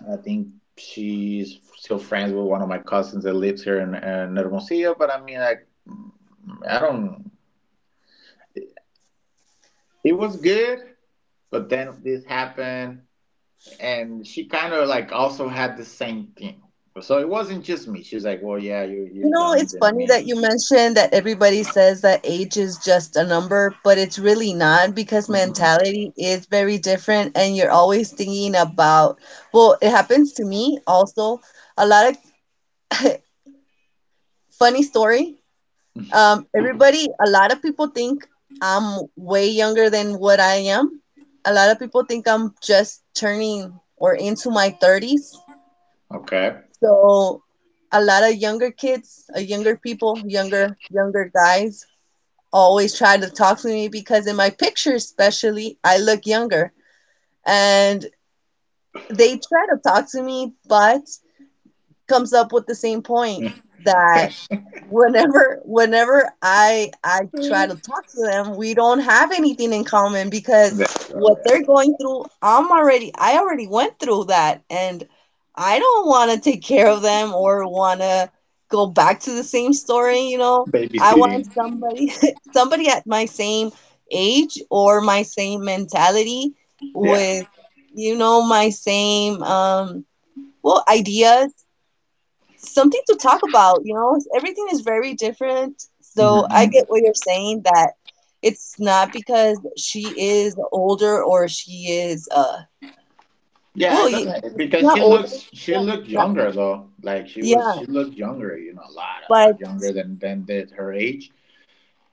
[SPEAKER 2] I think she's still friends with one of my cousins that lives here in Hermosillo. But I mean, like, I don't. It was good, but then this happened, and she kind of like also had the same thing. So it wasn't just me. She's like, "Well, yeah, you're
[SPEAKER 1] You know, it's
[SPEAKER 2] younger than
[SPEAKER 1] funny
[SPEAKER 2] me."
[SPEAKER 1] that you mentioned that everybody says that age is just a number, but it's really not because
[SPEAKER 2] Mm-mm.
[SPEAKER 1] mentality is very different, and you're always thinking about, well, it happens to me also. A lot of [LAUGHS] funny story. Everybody, a lot of people think I'm way younger than what I am. A lot of people think I'm just turning or into my 30s.
[SPEAKER 2] Okay.
[SPEAKER 1] So a lot of younger kids, younger people, younger guys always try to talk to me because in my picture especially, I look younger. And they try to talk to me, but comes up with the same point
[SPEAKER 2] [LAUGHS]
[SPEAKER 1] that whenever I try to talk to them, we don't have anything in common because
[SPEAKER 2] There you
[SPEAKER 1] what
[SPEAKER 2] go.
[SPEAKER 1] they're going through, I already went through that, and I don't want to take care of them, or want to go back to the same story, you know. I
[SPEAKER 2] Babysitting.
[SPEAKER 1] want somebody [LAUGHS] somebody at my same age, or my same mentality
[SPEAKER 2] Yeah,
[SPEAKER 1] with, you know, my same well, ideas, something to talk about, you know? Everything is very different. So I
[SPEAKER 2] hmm,
[SPEAKER 1] get what you're saying that it's not because she is older, or she is
[SPEAKER 2] yeah.
[SPEAKER 1] well,
[SPEAKER 2] It
[SPEAKER 1] you,
[SPEAKER 2] doesn't
[SPEAKER 1] she's
[SPEAKER 2] because
[SPEAKER 1] not older.
[SPEAKER 2] she
[SPEAKER 1] Yeah.
[SPEAKER 2] looked
[SPEAKER 1] Not,
[SPEAKER 2] younger though. Like
[SPEAKER 1] yeah,
[SPEAKER 2] she looked younger, you know, a
[SPEAKER 1] but
[SPEAKER 2] lot younger than did her age.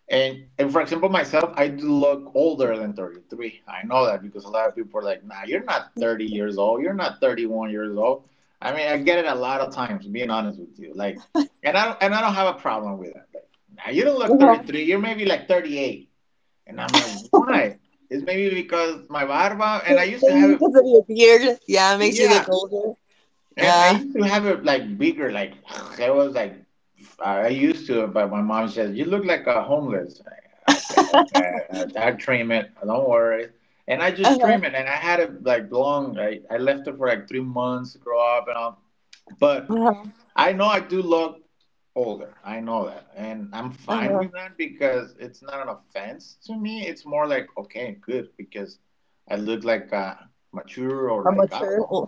[SPEAKER 2] And for example, myself, I do look older than 33. I know that because a lot of people are like, nah, you're not 30 years old. You're not 31 years old. I mean, I get it a lot of times, being honest with you. Like, and I don't have a problem with that. Like, nah, you don't look
[SPEAKER 1] uh
[SPEAKER 2] 33. You're maybe like 38. And I'm like, why? It's maybe because my barba, and I used to have
[SPEAKER 1] maybe
[SPEAKER 2] it,
[SPEAKER 1] because of your beard, yeah, it makes you look
[SPEAKER 2] yeah.
[SPEAKER 1] older.
[SPEAKER 2] And I
[SPEAKER 1] Yeah.
[SPEAKER 2] used to have it like bigger, like [SIGHS] it was like I used to, but my mom says, "You look like a homeless." I- Okay, okay,
[SPEAKER 1] [LAUGHS]
[SPEAKER 2] I trim it. Don't worry. And I just
[SPEAKER 1] Uh-huh.
[SPEAKER 2] trim it, and I had it like long. I left it for like 3 months to grow up, and all. But
[SPEAKER 1] Uh-huh.
[SPEAKER 2] I know I do look older. I know that, and I'm fine
[SPEAKER 1] Uh-huh.
[SPEAKER 2] with that because it's not an offense to me. It's more like okay, good, because I look like mature or
[SPEAKER 1] A
[SPEAKER 2] like I don't
[SPEAKER 1] mature
[SPEAKER 2] know.
[SPEAKER 1] old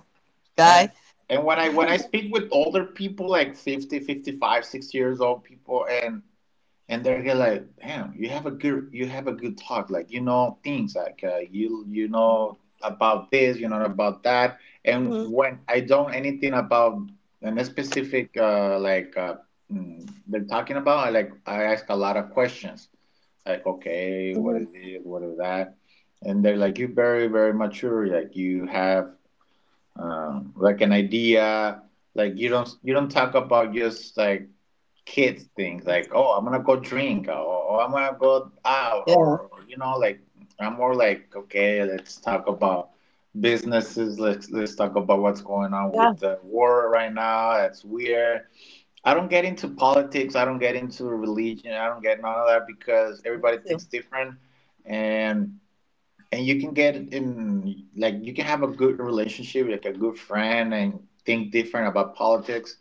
[SPEAKER 2] And
[SPEAKER 1] guy.
[SPEAKER 2] when I speak with older people like 50, 55, 60 years old people and they're get like, "Damn, you have a good you have a good talk. Like you know things like you you know
[SPEAKER 1] Mhm,
[SPEAKER 2] about this, you know about that." And
[SPEAKER 1] mhm,
[SPEAKER 2] when I don't anything about a specific they're talking about, I ask a lot of questions. Like, "Okay, what
[SPEAKER 1] mhm.
[SPEAKER 2] is this? What is that?" And they're like, "You're very mature. Like you have like an idea, like you don't talk about just like kids things like oh I'm gonna go drink or oh, I'm gonna go out
[SPEAKER 1] Yeah.
[SPEAKER 2] or you know, like I'm more like okay, let's talk about businesses. Let's talk about what's going on
[SPEAKER 1] Yeah.
[SPEAKER 2] with the war right now. That's weird. I don't get into politics. I don't get into religion. I don't get none of that because
[SPEAKER 1] Me
[SPEAKER 2] everybody
[SPEAKER 1] too.
[SPEAKER 2] thinks different. and and you can get in, like you can have a good relationship like a good friend and think different about politics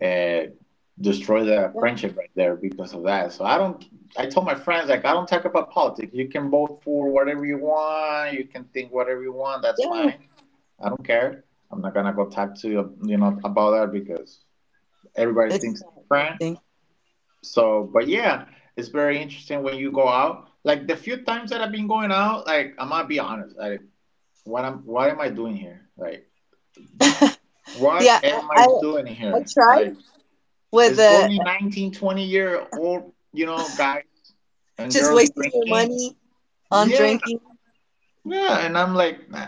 [SPEAKER 2] and destroy the
[SPEAKER 1] Yeah.
[SPEAKER 2] friendship right there because of that, so I don't. I told my friends like I don't talk about politics. You can vote for whatever you want. You can think whatever you want. That's
[SPEAKER 1] Yeah.
[SPEAKER 2] fine. I don't care. I'm not gonna go talk to you, you know, about that because everybody
[SPEAKER 1] It's
[SPEAKER 2] thinks
[SPEAKER 1] not a good
[SPEAKER 2] different.
[SPEAKER 1] thing.
[SPEAKER 2] So but yeah, it's very interesting when you go out, like the few times that I've been going out, like I'm gonna be honest, like what am I doing here? Like what
[SPEAKER 1] Yeah.
[SPEAKER 2] am I doing
[SPEAKER 1] I
[SPEAKER 2] here?
[SPEAKER 1] tried
[SPEAKER 2] Like
[SPEAKER 1] with
[SPEAKER 2] it's only 1920 year old, you know, guys and
[SPEAKER 1] just
[SPEAKER 2] girls
[SPEAKER 1] wasting your
[SPEAKER 2] drinking.
[SPEAKER 1] money on
[SPEAKER 2] Yeah,
[SPEAKER 1] drinking.
[SPEAKER 2] yeah, and I'm like, nah,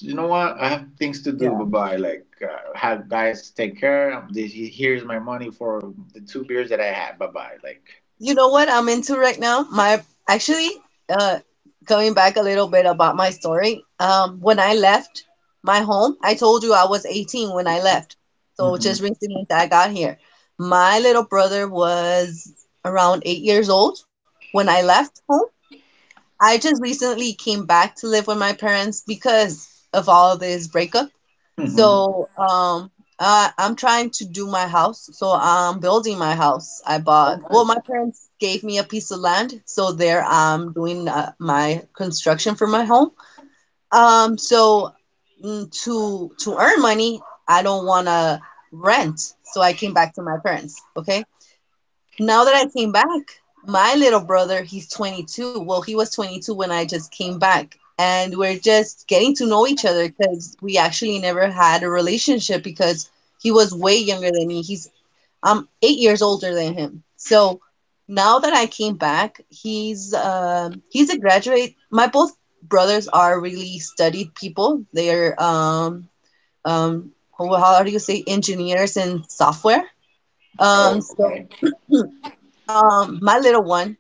[SPEAKER 2] you know what? I have things to do. Bye
[SPEAKER 1] Yeah.
[SPEAKER 2] bye. Like, have guys take care. This- Here's my money for the 2 beers that I had. Bye bye. Like,
[SPEAKER 1] You know what I'm into right now? Actually, uh, Going back a little bit about my story. When I left my home, I told you I was 18 when I left. So
[SPEAKER 2] hmm,
[SPEAKER 1] just recently that I got here. My little brother was around 8 years old when I left home. I just recently came back to live with my parents because of all this breakup.
[SPEAKER 2] hmm.
[SPEAKER 1] So I'm trying to do my house. So I'm building my house. I
[SPEAKER 2] Oh
[SPEAKER 1] bought, well,
[SPEAKER 2] nice.
[SPEAKER 1] my parents gave me a piece of land, so there I'm doing my construction for my home. So to earn money, I don't want to rent. So I came back to my parents, okay? Now that I came back, my little brother, he's 22. Well, he was 22 when I just came back. And we're just getting to know each other because we actually never had a relationship because he was way younger than me. He's I'm 8 years older than him. So now that I came back, he's a graduate. My both brothers are really studied people. They're um how do you say, engineers in software.
[SPEAKER 2] Oh
[SPEAKER 1] So
[SPEAKER 2] okay.
[SPEAKER 1] [CLEARS THROAT] My little one,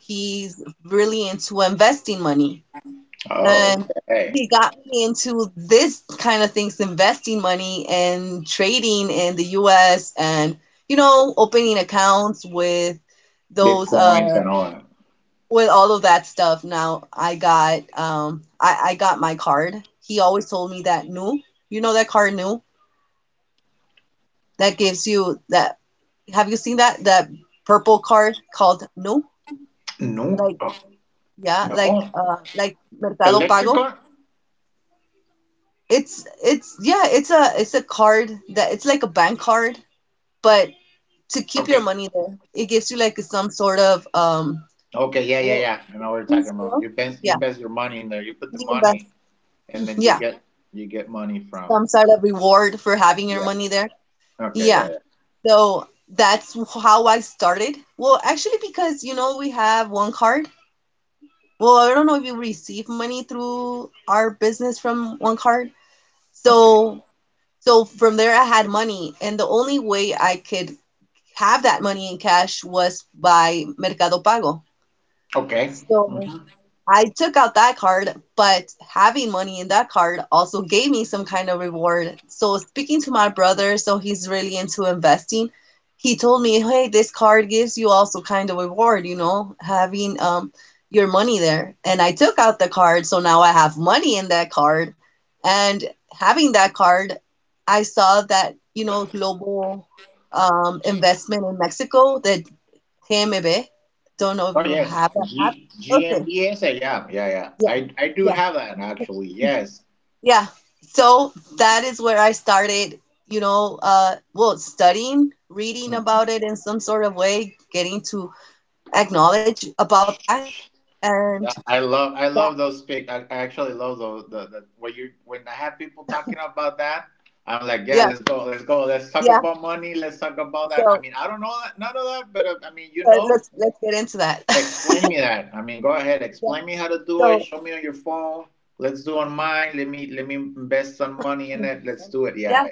[SPEAKER 1] he's really into investing money,
[SPEAKER 2] Oh
[SPEAKER 1] and
[SPEAKER 2] okay.
[SPEAKER 1] he got me into this kind of things, investing money and trading in the U.S., and you know, opening accounts with those
[SPEAKER 2] Bitcoins and all that.
[SPEAKER 1] with all of that stuff. Now I got I got my card. He always told me that new, you know, that card new, that gives you that, have you seen that that purple card called new?
[SPEAKER 2] No,
[SPEAKER 1] Like,
[SPEAKER 2] oh,
[SPEAKER 1] yeah,
[SPEAKER 2] no.
[SPEAKER 1] like Mercado Pago.
[SPEAKER 2] Electrical?
[SPEAKER 1] It's, yeah, it's a card that it's like a bank card, but to keep your
[SPEAKER 2] Okay.
[SPEAKER 1] money there, it gives you like some sort of
[SPEAKER 2] Okay, yeah, yeah,
[SPEAKER 1] well,
[SPEAKER 2] yeah. I know what you're talking
[SPEAKER 1] savings, you
[SPEAKER 2] about.
[SPEAKER 1] know?
[SPEAKER 2] You
[SPEAKER 1] Yeah,
[SPEAKER 2] invest your money in there. You put the
[SPEAKER 1] you invest.
[SPEAKER 2] money and then
[SPEAKER 1] Yeah,
[SPEAKER 2] you get money from.
[SPEAKER 1] some sort of reward for having your
[SPEAKER 2] Yeah.
[SPEAKER 1] money there.
[SPEAKER 2] Okay, yeah,
[SPEAKER 1] Yeah.
[SPEAKER 2] yeah.
[SPEAKER 1] So that's how I started. Well, actually, because you know, we have one card. Well, I don't know if you receive money through our business from one card.
[SPEAKER 2] Okay.
[SPEAKER 1] So so from there, I had money, and the only way I could have that money in cash was by Mercado Pago.
[SPEAKER 2] Okay. Mhm.
[SPEAKER 1] So I took out that card, but having money in that card also gave me some kind of reward. So, speaking to my brother, so he's really into investing, he told me, hey, this card gives you also kind of reward, you know, having your money there. And I took out the card, so now I have money in that card. And having that card, I saw that, you know, global investment in Mexico, the TMB. Don't know if
[SPEAKER 2] Oh
[SPEAKER 1] you
[SPEAKER 2] yes.
[SPEAKER 1] have that app.
[SPEAKER 2] G
[SPEAKER 1] Okay.
[SPEAKER 2] GMBS. Yeah, yeah, yeah.
[SPEAKER 1] Yeah.
[SPEAKER 2] I do
[SPEAKER 1] Yeah.
[SPEAKER 2] have that actually. Yes.
[SPEAKER 1] Yeah. So that is where I started, you know, well, studying, reading
[SPEAKER 2] Mm.
[SPEAKER 1] about it in some sort of way, getting to acknowledge about that, and
[SPEAKER 2] Yeah, I
[SPEAKER 1] yeah,
[SPEAKER 2] love those pic. I actually love those the when you when I have people talking about that, I'm like, yeah,
[SPEAKER 1] yeah,
[SPEAKER 2] let's go, let's go, let's talk
[SPEAKER 1] yeah.
[SPEAKER 2] about money, let's talk about that. I
[SPEAKER 1] So
[SPEAKER 2] mean, I don't know that, none of that, but I mean, you know,
[SPEAKER 1] let's get into that.
[SPEAKER 2] explain me
[SPEAKER 1] [LAUGHS]
[SPEAKER 2] that. I mean, go ahead.
[SPEAKER 1] Yeah.
[SPEAKER 2] Explain me how to do it.
[SPEAKER 1] So
[SPEAKER 2] Show me on your phone. Let's do on mine. Let me invest some money in it. Let's do it. Yeah,
[SPEAKER 1] yeah.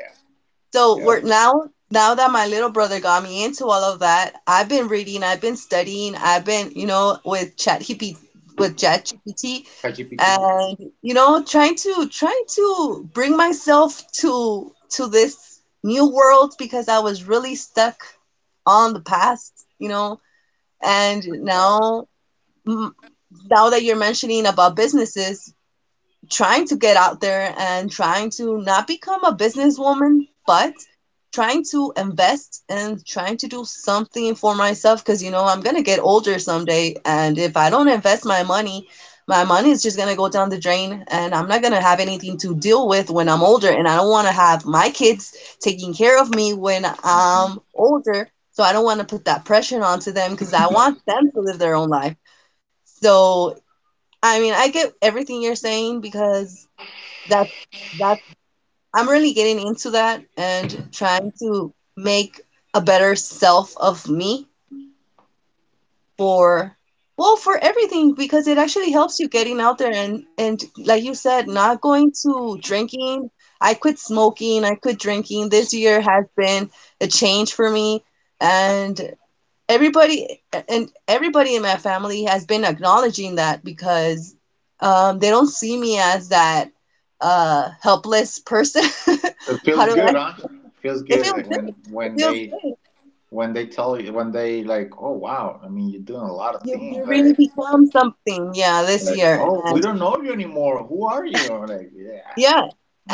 [SPEAKER 1] So
[SPEAKER 2] yeah,
[SPEAKER 1] we're
[SPEAKER 2] yep.
[SPEAKER 1] now now that my little brother got me into all of that, I've been reading, I've been studying, I've been, you know, with ChatGPT
[SPEAKER 2] ChatGPT.
[SPEAKER 1] and you know, trying to bring myself to this new world, because I was really stuck on the past, you know, and
[SPEAKER 2] Oh.
[SPEAKER 1] now mm, now that you're mentioning about businesses, trying to get out there and trying to not become a businesswoman, but trying to invest and trying to do something for myself, because you know, I'm gonna get older someday, and if I don't invest my money is just gonna go down the drain, and I'm not gonna have anything to deal with when I'm older, and I don't want to have my kids taking care of me when
[SPEAKER 2] Mhm.
[SPEAKER 1] I'm older. So I don't want to put that pressure onto them, because I want them to live their own life. So I mean, I get everything you're saying because that that I'm really getting into that and trying to make a better self of me for, well, for everything, because it actually helps you getting out there, and like you said, not going to drinking. I quit smoking, I quit drinking. This year has been a change for me, and everybody everybody in my family has been acknowledging that, because they don't see me as that helpless person.
[SPEAKER 2] It
[SPEAKER 1] [LAUGHS] How
[SPEAKER 2] feels
[SPEAKER 1] do I?
[SPEAKER 2] good, huh? Feels
[SPEAKER 1] It
[SPEAKER 2] good
[SPEAKER 1] feels
[SPEAKER 2] like
[SPEAKER 1] good.
[SPEAKER 2] when
[SPEAKER 1] It
[SPEAKER 2] when
[SPEAKER 1] feels
[SPEAKER 2] they
[SPEAKER 1] good.
[SPEAKER 2] when they tell you when they like, oh wow. I mean, you're doing a lot of
[SPEAKER 1] You
[SPEAKER 2] things.
[SPEAKER 1] really
[SPEAKER 2] Like
[SPEAKER 1] become something. Yeah, this
[SPEAKER 2] like,
[SPEAKER 1] year,
[SPEAKER 2] oh, we
[SPEAKER 1] and
[SPEAKER 2] don't know you anymore. Who are you? Like, yeah,
[SPEAKER 1] yeah,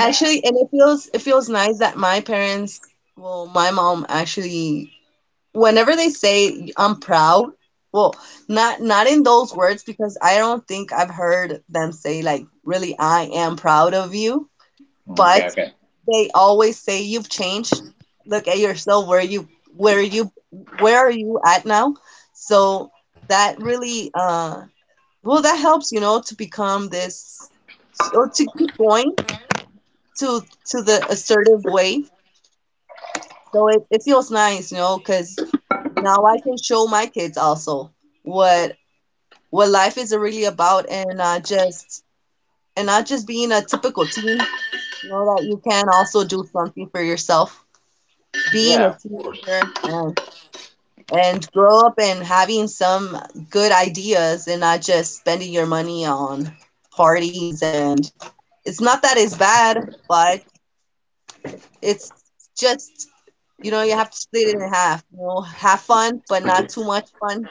[SPEAKER 2] yeah.
[SPEAKER 1] and it feels, it feels nice that my parents, well, my mom actually, whenever they say I'm proud, well, not not in those words because I don't think I've heard them say like, really, I am proud of you, but
[SPEAKER 2] Okay, okay.
[SPEAKER 1] they always say you've changed. Look at yourself, where you where are you at now? So that really well, that helps, you know, to become this, or to keep going to the assertive way. So it feels nice, you know, because now I can show my kids also what what life is really about, and not just being a typical teen. You know that you can also do something for yourself. Being a
[SPEAKER 2] Yeah,
[SPEAKER 1] teenager and and grow up and having some good ideas and not just spending your money on parties, and it's not that it's bad, but it's just. You know, you have to split it in half. You know, have fun, but not too much fun.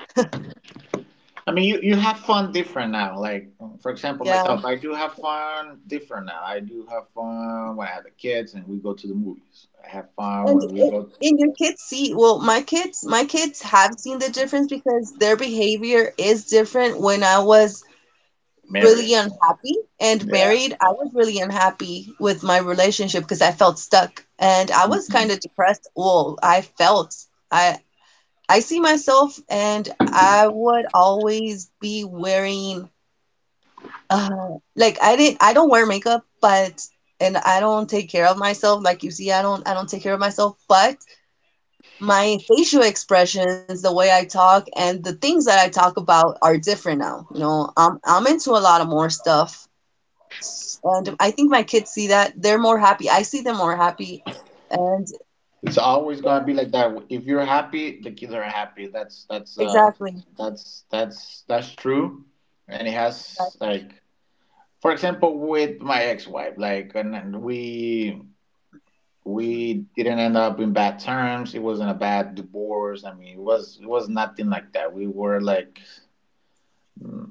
[SPEAKER 2] I mean, you have fun different now. Like, for example,
[SPEAKER 1] Yeah.
[SPEAKER 2] myself, I do have fun different now. I do have fun when I have the kids and we go to the movies. I have fun
[SPEAKER 1] And
[SPEAKER 2] when we
[SPEAKER 1] it,
[SPEAKER 2] go
[SPEAKER 1] and your kids see, well, my kids have seen the difference because their behavior is different. When I was really
[SPEAKER 2] married.
[SPEAKER 1] unhappy and
[SPEAKER 2] Yeah.
[SPEAKER 1] married, I was really unhappy with my relationship because I felt stuck and I was
[SPEAKER 2] Mhm.
[SPEAKER 1] kind of depressed. Well, I felt I I see myself, and I would always be wearing, like, I don't wear makeup, but and I don't take care of myself. Like you see, I don't take care of myself, but my facial expressions, the way I talk, and the things that I talk about are different now. You know, I'm into a lot of more stuff. And I think my kids see that. They're more happy. I see them more happy. And
[SPEAKER 2] It's always
[SPEAKER 1] yeah,
[SPEAKER 2] gonna be like that. If you're happy, the kids are happy. That's that's uh
[SPEAKER 1] exactly.
[SPEAKER 2] that's that's that's true. And it has
[SPEAKER 1] Exactly.
[SPEAKER 2] like, for example, with my ex-wife, like, and we
[SPEAKER 1] Mhm.
[SPEAKER 2] we didn't end up in bad terms. It wasn't a bad divorce. I mean, it was nothing like that. We were like,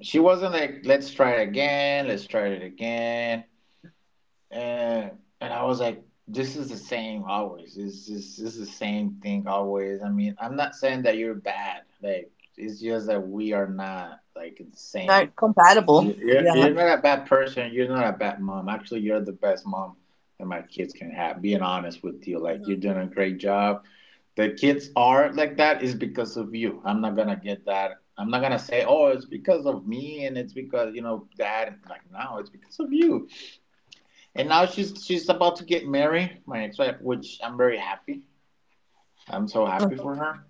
[SPEAKER 2] she wasn't like, let's try it again, let's try it again, and and I was like, this is the same always. It's just this the same thing always. I mean, I'm not saying that you're bad. Like it's just that we are not like in the same.
[SPEAKER 1] Not compatible.
[SPEAKER 2] you're,
[SPEAKER 1] Yeah.
[SPEAKER 2] you're not a bad person. You're not a bad mom. Actually, you're the best mom that my kids can have. Being honest with you, like you're
[SPEAKER 1] Hmm.
[SPEAKER 2] doing a great job. The kids are like that is because of you. I'm not gonna get that. I'm not gonna say, oh, it's because of me and it's because you know dad. Like, no, it's because of you. And now she's about to get married, my ex-wife, which I'm very happy. I'm so happy
[SPEAKER 1] [LAUGHS]
[SPEAKER 2] for her.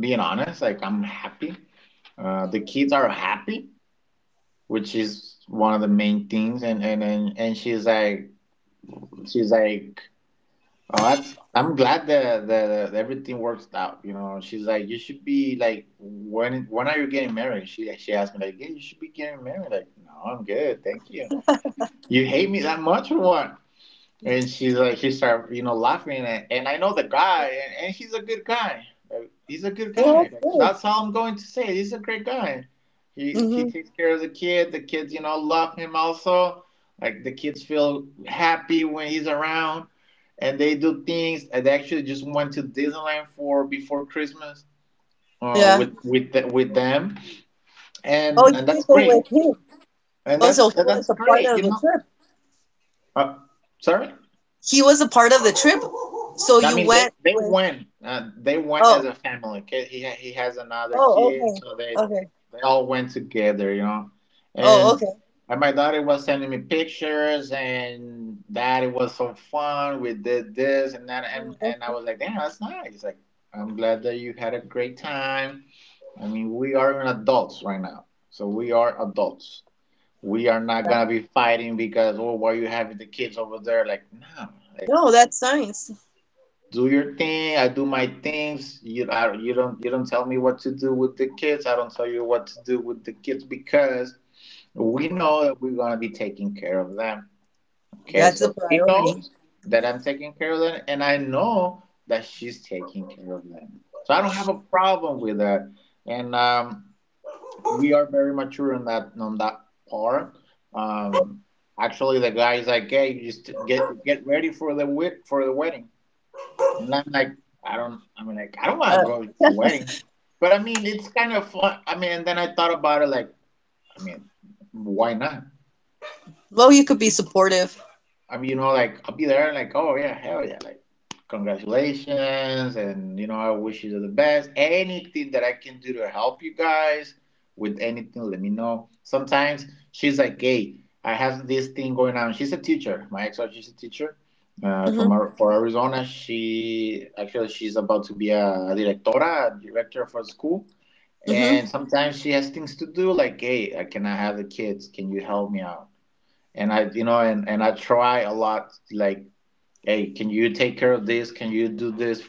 [SPEAKER 2] Being honest, like, I'm happy. The kids are happy, which is one of the main things, and she's like, oh, that's, I'm glad that, that everything works out. You know, she's like, you should be like, when are you getting married? She asked me, like, yeah, you should be getting married. Like, no, I'm good, thank you. You hate me that much or what? And she's like, she started, you know, laughing. And I know the guy, and he's a good guy. Like, he's a good guy.
[SPEAKER 1] That's good.
[SPEAKER 2] That's all I'm going to say. He's a great guy. He
[SPEAKER 1] Hmm.
[SPEAKER 2] takes care of the kid. The kids, you know, love him also. Like, the kids feel happy when he's around, and they do things. And they actually just went to Disneyland for before Christmas uh,
[SPEAKER 1] Yeah.
[SPEAKER 2] with with the, with them,
[SPEAKER 1] Oh,
[SPEAKER 2] and
[SPEAKER 1] you
[SPEAKER 2] and that's
[SPEAKER 1] did go
[SPEAKER 2] great.
[SPEAKER 1] with him.
[SPEAKER 2] And
[SPEAKER 1] Oh, so
[SPEAKER 2] that's
[SPEAKER 1] he
[SPEAKER 2] and
[SPEAKER 1] was
[SPEAKER 2] that's
[SPEAKER 1] a part
[SPEAKER 2] great.
[SPEAKER 1] of
[SPEAKER 2] You
[SPEAKER 1] the
[SPEAKER 2] know,
[SPEAKER 1] trip.
[SPEAKER 2] uh, sorry.
[SPEAKER 1] He was a part of the trip. So
[SPEAKER 2] I
[SPEAKER 1] you
[SPEAKER 2] mean, they
[SPEAKER 1] went
[SPEAKER 2] they
[SPEAKER 1] with.
[SPEAKER 2] went. They went as
[SPEAKER 1] Oh,
[SPEAKER 2] a family. Ki- He ha- he has another
[SPEAKER 1] oh, okay,
[SPEAKER 2] kid, so
[SPEAKER 1] okay.
[SPEAKER 2] they all went together, you know.
[SPEAKER 1] Oh,
[SPEAKER 2] And
[SPEAKER 1] okay.
[SPEAKER 2] and my daughter was sending me pictures, and that it was so fun. We did this and that, and
[SPEAKER 1] Mm,
[SPEAKER 2] and I
[SPEAKER 1] okay.
[SPEAKER 2] was like, damn, that's nice. Like, I'm glad that you had a great time. I mean, we are an adults right now, so we are adults. We are not gonna be fighting because, oh, why are you having the kids over there? Like, no, like,
[SPEAKER 1] No, that's nice.
[SPEAKER 2] do your thing, I do my things. You don't tell me what to do with the kids, I don't tell you what to do with the kids, because we know that we're going to be taking care of them. Okay,
[SPEAKER 1] That's the
[SPEAKER 2] so she
[SPEAKER 1] priority.
[SPEAKER 2] knows that I'm taking care of them and I know that she's taking care of them, so I don't have a problem with that. And we are very mature on that part. um, Actually, the guy's like, hey, you just get ready for the wedding, and I'm like, I don't, I mean, like, I don't
[SPEAKER 1] Uh,
[SPEAKER 2] want to go to the
[SPEAKER 1] yeah.
[SPEAKER 2] wedding. But I mean, it's kind of fun. I mean, and then I thought about it like, I mean, why not?
[SPEAKER 1] Well, you could be supportive.
[SPEAKER 2] I mean, you know, like, I'll be there, like, oh yeah, hell yeah, like, congratulations, and, you know, I wish you the best. Anything that I can do to help you guys with anything, let me know. Sometimes she's like, hey, I have this thing going on. She's a teacher. My ex-wife, she's a teacher uh,
[SPEAKER 1] Mhm.
[SPEAKER 2] from Ar- for Arizona. She actually she's about to be a directora, a director for the school.
[SPEAKER 1] Mhm.
[SPEAKER 2] And sometimes she has things to do, like, hey, I cannot have the kids. Can you help me out? And I you know and I try a lot, like, hey, can you take care of this, can you do this?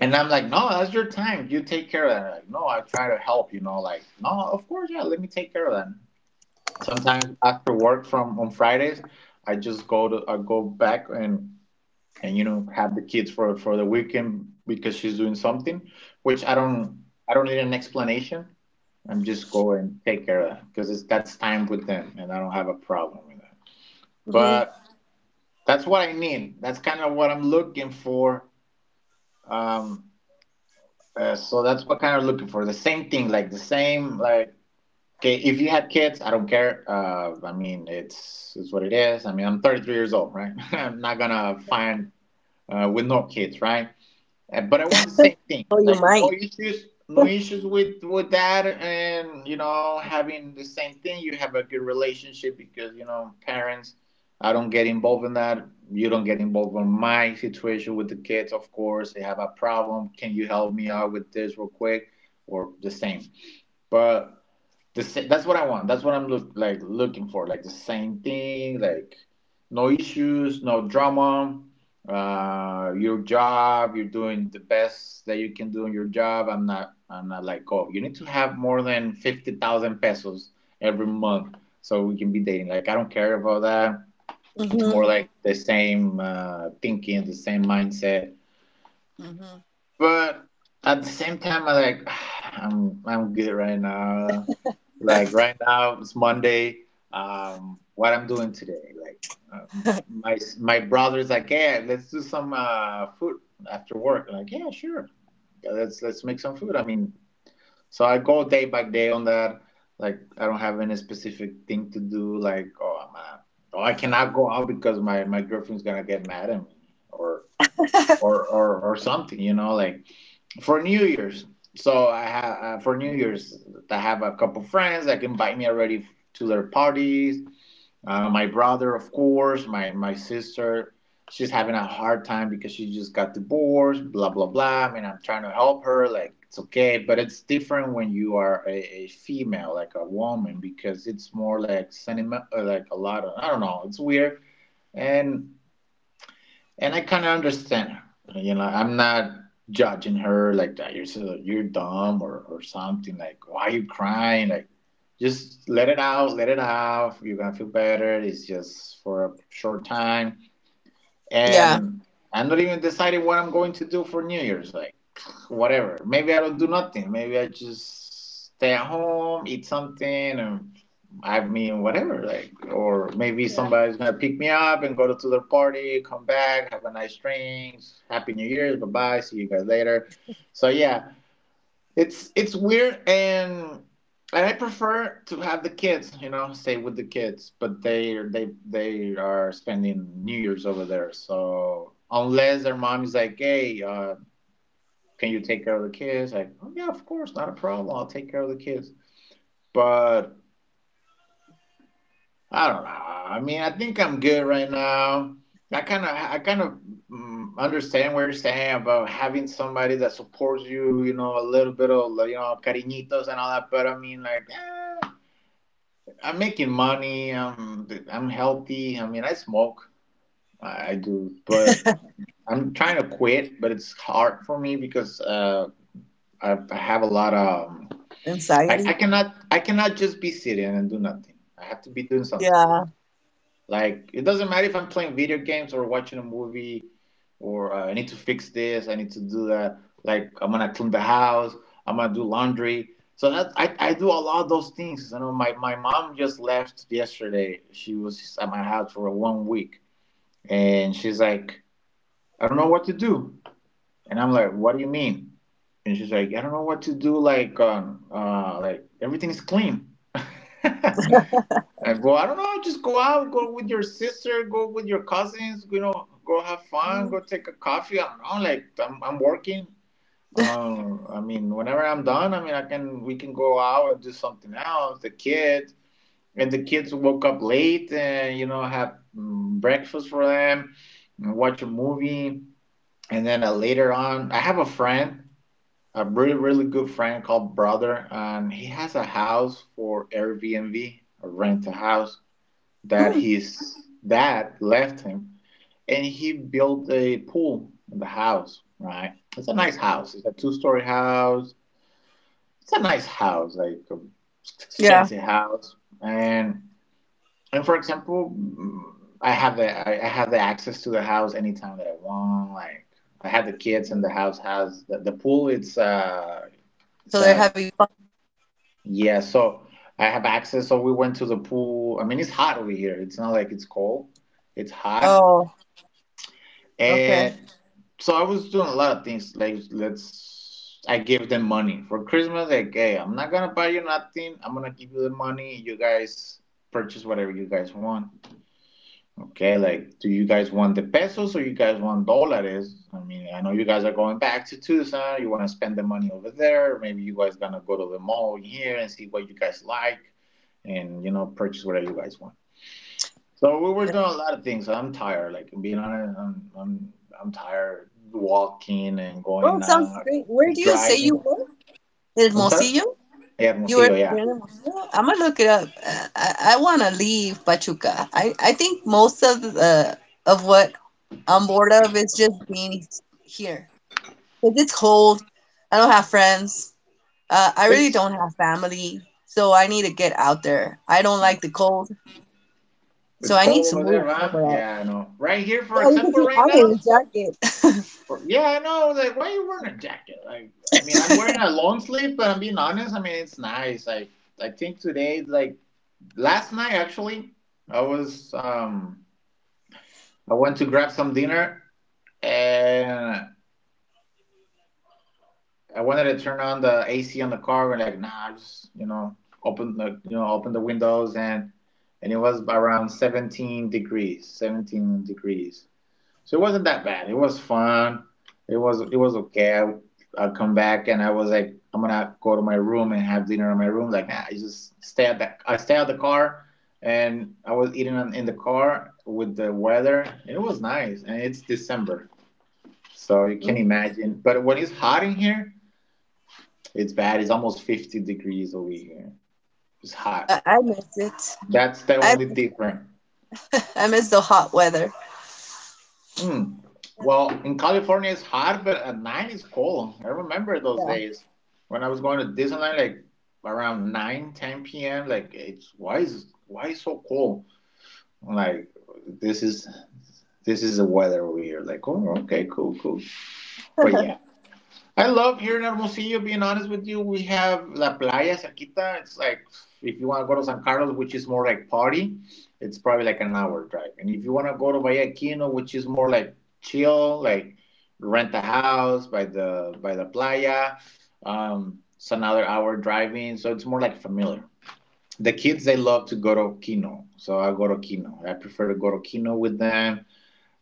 [SPEAKER 2] And I'm like, no, that's your time, you take care of that. Like, no, I try to help, you know, like, no, of course, yeah, let me take care of that. Sometimes after work from on Fridays, I just go to I go back and, you know, have the kids for the weekend because she's doing something, which I don't need an explanation. I'm just go and take care of that because that's time with them and I don't have a problem with that.
[SPEAKER 1] Mhm.
[SPEAKER 2] But that's what I mean. That's kind of what I'm looking for. Um, so that's what kind of looking for. The same thing, like the same, like, okay, if you had kids, I don't care. I mean, it's what it is. I mean, I'm 33 years old, right? [LAUGHS] I'm not gonna find with no kids, right? But I want the same thing,
[SPEAKER 1] Well, you
[SPEAKER 2] like, no
[SPEAKER 1] might.
[SPEAKER 2] issues, no issues with that, and, you know, having the same thing. You have a good relationship because, you know, parents. I don't get involved in that. You don't get involved in my situation with the kids. Of course, they have a problem, can you help me out with this real quick, or the same? But that's what I want. That's what I'm looking for. Like the same thing. Like, no issues, no drama. Your job, you're doing the best that you can do in your job. I'm not. I'm not like, oh, you need to have more than 50,000 pesos every month so we can be dating. Like, I don't care about that. It's more
[SPEAKER 1] Mhm.
[SPEAKER 2] like the same thinking, the same mindset.
[SPEAKER 1] Mhm.
[SPEAKER 2] But at the same time, I like [SIGHS] I'm good right now. Like, right now, it's Monday. What I'm doing today? Like, uh, my brother's like, yeah, let's do some food after work. Like, yeah, sure. Yeah. Let's make some food. I mean, so I go day by day on that. Like, I don't have any specific thing to do. Like, oh, I'm oh, I cannot go out because my girlfriend's gonna get mad at me or or something. You know, like, for New Year's. So I have for New Year's, I have a couple friends that invite me already to their parties. My brother, of course, my sister. She's having a hard time because she just got divorced. Blah blah blah. I mean, I'm trying to help her. Like, it's okay, but it's different when you are a female, like a woman, because it's more like sentiment, like, a lot of, I don't know. It's weird, and and I kind of understand her. You know, I'm not judging her like that. You're so, you're dumb or something. Like, why are you crying? Like, just let it out, let it out. You're gonna feel better. It's just for a short time,
[SPEAKER 1] Yeah.
[SPEAKER 2] and I'm not even deciding what I'm going to do for New Year's. Like, whatever. Maybe I don't do nothing. Maybe I just stay at home, eat something, and, I mean, whatever, like, or maybe
[SPEAKER 1] Yeah.
[SPEAKER 2] somebody's gonna pick me up and go to their party, come back, have a nice drink, happy New Year's, bye bye, see you guys later. So yeah, it's weird, and I prefer to have the kids, you know, stay with the kids, but they are spending New Year's over there. So unless their mom is like, hey, can you take care of the kids? Like, oh yeah, of course, not a problem, I'll take care of the kids. But I don't know. I mean, I think I'm good right now. I kind of understand what you're saying about having somebody that supports you. You know, a little bit of, like, you know, cariñitos and all that. But I mean, like, eh, I'm making money. I'm healthy. I mean, I smoke. I do, but I'm trying to quit. But it's hard for me because I have a lot of. I, I
[SPEAKER 1] Anxiety.
[SPEAKER 2] cannot, I cannot just be sitting and do nothing. I have to be doing something.
[SPEAKER 1] Yeah.
[SPEAKER 2] Like it doesn't matter if I'm playing video games or watching a movie or I need to fix this, I need to do that. Like I'm gonna clean the house, I'm gonna do laundry. So that I do a lot of those things. You know, my mom just left yesterday. She was at my house for 1 week, and she's like, I don't know what to do. And I'm like, what do you mean? And she's like, I don't know what to do. Like everything is clean. [LAUGHS] And go, I don't know, just go out, go with your sister, go with your cousins, you know, go have fun, go
[SPEAKER 1] Mhm.
[SPEAKER 2] take a coffee. I don't know, like I'm working. I mean, whenever I'm done, I mean, I can, we can go out and do something else. And the kids woke up late and, you know, have breakfast for them, and watch a movie. And then later on, I have a friend, a really, really good friend called Brother, and he has a house for Airbnb, or rent a house that
[SPEAKER 1] Mhm.
[SPEAKER 2] his dad left him, and he built a pool in the house. Right, it's a
[SPEAKER 1] Mhm.
[SPEAKER 2] nice house. It's a two-story house. It's a nice house, like a
[SPEAKER 1] Yeah.
[SPEAKER 2] expensive house. And and for example, I have the access to the house anytime that I want. Like I have the kids, and
[SPEAKER 1] Mhm.
[SPEAKER 2] the house has the pool. It's uh
[SPEAKER 1] So
[SPEAKER 2] it's
[SPEAKER 1] they're
[SPEAKER 2] uh
[SPEAKER 1] having fun.
[SPEAKER 2] yeah. So I have access. So we went to the pool. I mean, it's hot over here. It's not like it's cold. It's hot.
[SPEAKER 1] Oh. Okay.
[SPEAKER 2] And so I was doing a lot of things. Like let's, I gave them money for Christmas. Like, hey, I'm not gonna buy you nothing. I'm gonna give you the money. You guys purchase whatever you guys want. Okay, like, do you guys want the pesos or you guys want dollars? I mean, I know you guys are going back to Tucson. You want to spend the money over there. Maybe you guys gonna go to the mall here and see what you guys like, and you know, purchase whatever you guys want. So we were
[SPEAKER 1] Yeah.
[SPEAKER 2] doing a lot of things. I'm tired. Like being honest, I'm tired walking and
[SPEAKER 1] Well,
[SPEAKER 2] going
[SPEAKER 1] it sounds
[SPEAKER 2] out
[SPEAKER 1] great. Where do you say you
[SPEAKER 2] driving.
[SPEAKER 1] were? In
[SPEAKER 2] I'm sorry.
[SPEAKER 1] Hermosillo?
[SPEAKER 2] Yeah,
[SPEAKER 1] You were
[SPEAKER 2] Hermosillo.
[SPEAKER 1] you're
[SPEAKER 2] Yeah,
[SPEAKER 1] in the I'm gonna look it up. I want to leave Pachuca. I think most of the of what I'm bored of is just being here. 'Cause it's cold. I don't have friends. I really
[SPEAKER 2] it's
[SPEAKER 1] don't have family, so I need to get out there. I don't like the cold, so I
[SPEAKER 2] it's
[SPEAKER 1] need to
[SPEAKER 2] cold over
[SPEAKER 1] move
[SPEAKER 2] there,
[SPEAKER 1] somewhere
[SPEAKER 2] huh?
[SPEAKER 1] else.
[SPEAKER 2] Yeah, I know. Right here, for
[SPEAKER 1] Yeah, you can
[SPEAKER 2] example,
[SPEAKER 1] see
[SPEAKER 2] right
[SPEAKER 1] I'm
[SPEAKER 2] now.
[SPEAKER 1] in a jacket.
[SPEAKER 2] Yeah, I know. Like, why are you wearing a jacket? Like, I mean, I'm wearing
[SPEAKER 1] [LAUGHS]
[SPEAKER 2] a long sleeve, but I'm being honest. I mean, it's nice. I think today, like last night, actually, I was I went to grab some dinner and I wanted to turn on the AC on the car, but like, nah, just you know, open the you know, open the windows and it was around 17 degrees, 17 degrees. So it wasn't that bad. It was fun. It was okay. I come back and I was like, I'm gonna go to my room and have dinner in my room. Like, nah, I stay at the car and I was eating in the car with the weather. It was nice, and it's December, so you can
[SPEAKER 1] Mhm.
[SPEAKER 2] imagine. But when it's hot in here, it's bad. It's almost 50 degrees over here. It's hot.
[SPEAKER 1] But I miss it.
[SPEAKER 2] That's the
[SPEAKER 1] I
[SPEAKER 2] only
[SPEAKER 1] miss,
[SPEAKER 2] difference.
[SPEAKER 1] I miss the hot weather.
[SPEAKER 2] Hmm. Well, in California, it's hot, but at nine, it's cold. I remember those
[SPEAKER 1] Yeah.
[SPEAKER 2] days when I was going to Disneyland, like around 9, 10 p.m. Like, it's why is so cold? I'm like, this is this is the weather over here. Like, oh, okay, cool, cool. But
[SPEAKER 1] [LAUGHS]
[SPEAKER 2] yeah, I love here in Hermosillo, being honest with you. We have La Playa cerquita. It's like if you want to go to San Carlos, which is more like party, it's probably like an hour drive. And if you want to go to Vallequino, which is more like chill, like rent a house by the playa, it's another hour driving. So it's more like familiar. The kids they love to go to Kino, so I go to Kino. I prefer to go to Kino with them.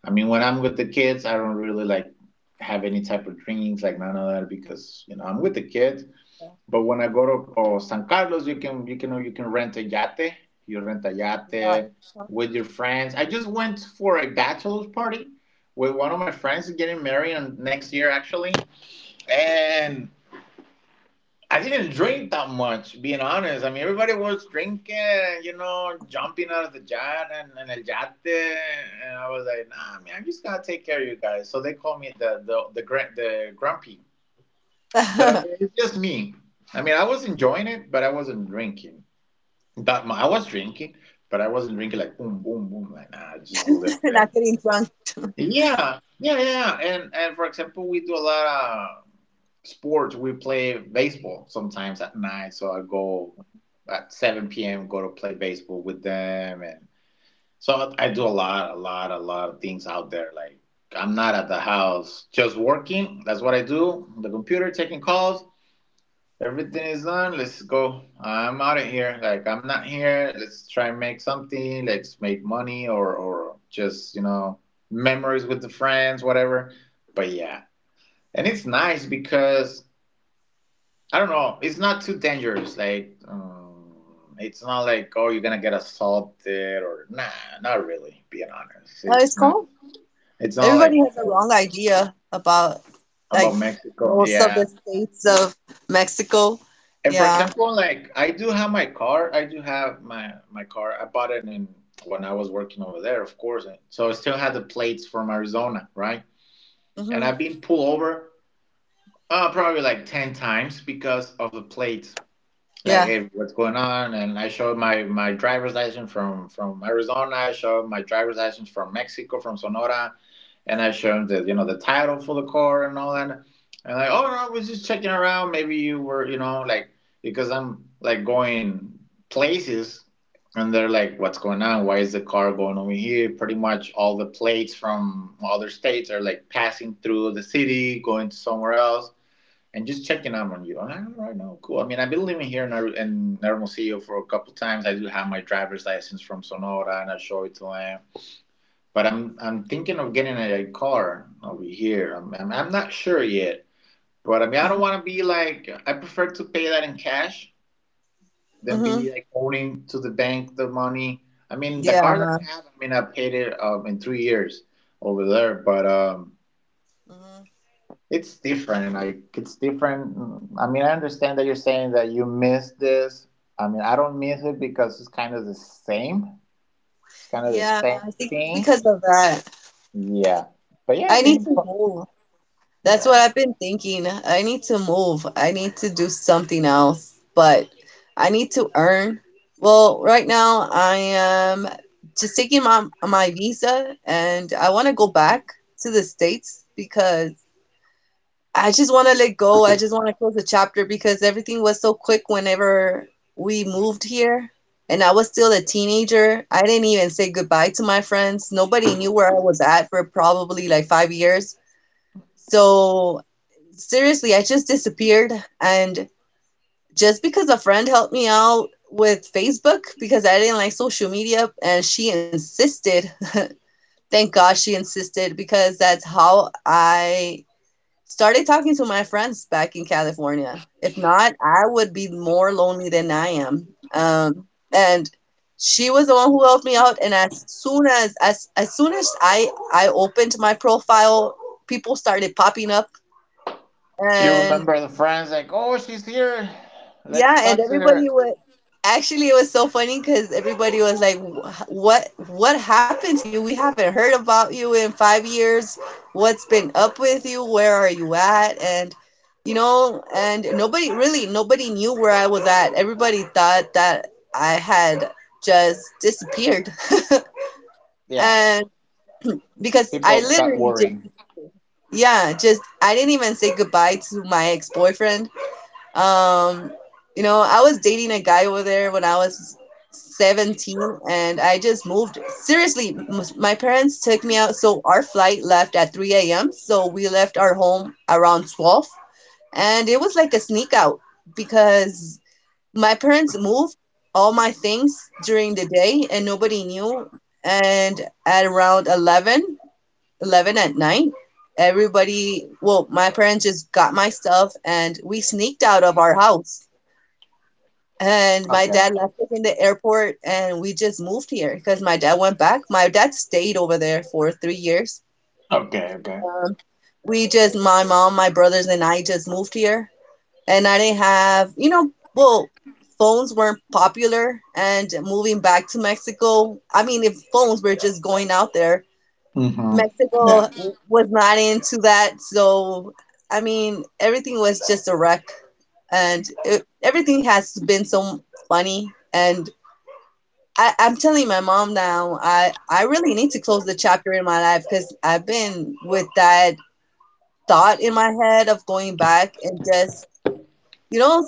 [SPEAKER 2] I mean, when I'm with the kids, I don't really like have any type of drinks, like none of that, because you know I'm with the kids. But when I go to oh, San Carlos, you can rent a yate. You rent a
[SPEAKER 1] It's
[SPEAKER 2] yate with your friends. I just went for a bachelor's party with one of my friends getting married on next year actually, and I didn't drink that much, being honest. I mean, everybody was drinking, you know, jumping out of the jet and el yate. And I was like, nah, man, I'm just going to take care of you guys. So they call me the grumpy. But I
[SPEAKER 1] hot. [LAUGHS]
[SPEAKER 2] mean, it's just me. I mean, I was enjoying it, but I wasn't drinking. I was drinking, but I wasn't drinking like boom, boom, boom. Like, nah, just a little
[SPEAKER 1] [LAUGHS]
[SPEAKER 2] bit.
[SPEAKER 1] Not getting drunk.
[SPEAKER 2] Yeah, yeah, yeah, yeah. And for example, we do a lot of sports. We play baseball sometimes at night. So I go at seven p.m. Go to play baseball with them, and so I do a lot, a lot, a lot of things out there. Like I'm not at the house just working. That's what I do. The computer taking calls, everything is done. Let's go. I'm out of here. Like I'm not here. Let's try and make something. Let's make money or just you know memories with the friends, whatever. But yeah, and it's nice because I don't know. It's not too dangerous. Like it's not like oh you're gonna get assaulted or nah, not really. Being honest,
[SPEAKER 1] No, it's
[SPEAKER 2] it's not.
[SPEAKER 1] cold.
[SPEAKER 2] It's not like
[SPEAKER 1] Everybody has a wrong
[SPEAKER 2] that
[SPEAKER 1] idea about like
[SPEAKER 2] about Mexico.
[SPEAKER 1] most of
[SPEAKER 2] Yeah.
[SPEAKER 1] the states of Mexico.
[SPEAKER 2] And for
[SPEAKER 1] Yeah.
[SPEAKER 2] example, like I do have my car. I do have my my car. I bought it in When I was working over there, of course. And so I still had the plates from Arizona, right? And
[SPEAKER 1] Hmm.
[SPEAKER 2] I've been pulled over probably like 10 times because of the plates. Like,
[SPEAKER 1] Yeah.
[SPEAKER 2] hey, what's going on? And I showed my driver's license from Arizona. I showed my driver's license from Mexico, from Sonora and I show him the you know the title for the car and all that. And like, oh no, I was just checking around. Maybe you were, you know, like because I'm like going places, and they're like, what's going on? Why is the car going over here? Pretty much all the plates from other states are like passing through the city, going to somewhere else. And just checking out on you. I'm like, all right, no, cool. I mean, I've been living here in Hermosillo for a couple times. I do have my driver's license from Sonora, and I show it to them but I'm thinking of getting a car over here. I'm not sure yet. But I mean, I don't
[SPEAKER 1] Hmm.
[SPEAKER 2] want to be like I prefer to pay that in cash than
[SPEAKER 1] Hmm.
[SPEAKER 2] be like owing to the bank the money. I mean, the car that
[SPEAKER 1] Yeah.
[SPEAKER 2] I have, I mean, I paid it in 3 years over there, but
[SPEAKER 1] Hmm.
[SPEAKER 2] it's different. Like it's different. I mean, I understand that you're saying that you miss this. I mean, I don't miss it because it's kind of the same. It's kind of the
[SPEAKER 1] Yeah.
[SPEAKER 2] same
[SPEAKER 1] I think it's
[SPEAKER 2] thing.
[SPEAKER 1] because of that.
[SPEAKER 2] Yeah, but yeah, I
[SPEAKER 1] I need
[SPEAKER 2] mean,
[SPEAKER 1] to move. That's what
[SPEAKER 2] yeah.
[SPEAKER 1] I've been thinking. I need to move. I need to do something else, but I need to earn. Well, right now I am just taking my visa, and I want to go back to the States because I just want to let go. I just want to close the chapter because everything was so quick whenever we moved here. And I was still a teenager. I didn't even say goodbye to my friends. Nobody knew where I was at for probably like 5 years. So seriously, I just disappeared. And just because a friend helped me out with Facebook, because I didn't like social media and she insisted, [LAUGHS] thank God she insisted, because that's how I started talking to my friends back in California. If not, I would be more lonely than I am. Um, and she was the one who helped me out, and as soon as I opened my profile, people started popping up.
[SPEAKER 2] You
[SPEAKER 1] And
[SPEAKER 2] remember the friends like, oh, she's here.
[SPEAKER 1] yeah,
[SPEAKER 2] Let's
[SPEAKER 1] and
[SPEAKER 2] talk to her.
[SPEAKER 1] everybody was actually, it was so funny because everybody was like, "What happened to you? We haven't heard about you in 5 years. What's been up with you? Where are you at?" And nobody knew where I was at. Everybody thought that I had just disappeared, [LAUGHS]
[SPEAKER 2] Yeah,
[SPEAKER 1] and because I
[SPEAKER 2] people got
[SPEAKER 1] literally
[SPEAKER 2] worried.
[SPEAKER 1] just, yeah, just, I didn't even say goodbye to my ex-boyfriend. Um, you know, I was dating a guy over there when I was 17, and I just moved. Seriously, my parents took me out. So our flight left at 3 a.m. So we left our home around 12. And it was like a sneak out because my parents moved all my things during the day and nobody knew. And at around eleven at night, everybody, well, my parents just got my stuff and we sneaked out of our house, and my
[SPEAKER 2] Okay.
[SPEAKER 1] dad left us in the airport, and we just moved here because my dad went back. My dad stayed over there for 3 years.
[SPEAKER 2] Okay. Okay.
[SPEAKER 1] Um, we just, my mom, my brothers, and I just moved here. And I didn't have, you know, well, phones weren't popular. And moving back to Mexico, I mean, if phones were just going out there,
[SPEAKER 2] Hmm. Yeah.
[SPEAKER 1] Mexico was not into that. So, I mean, everything was just a wreck, and everything has been so funny, and I'm telling my mom now, I really need to close the chapter in my life because I've been with that thought in my head of going back and just, you know,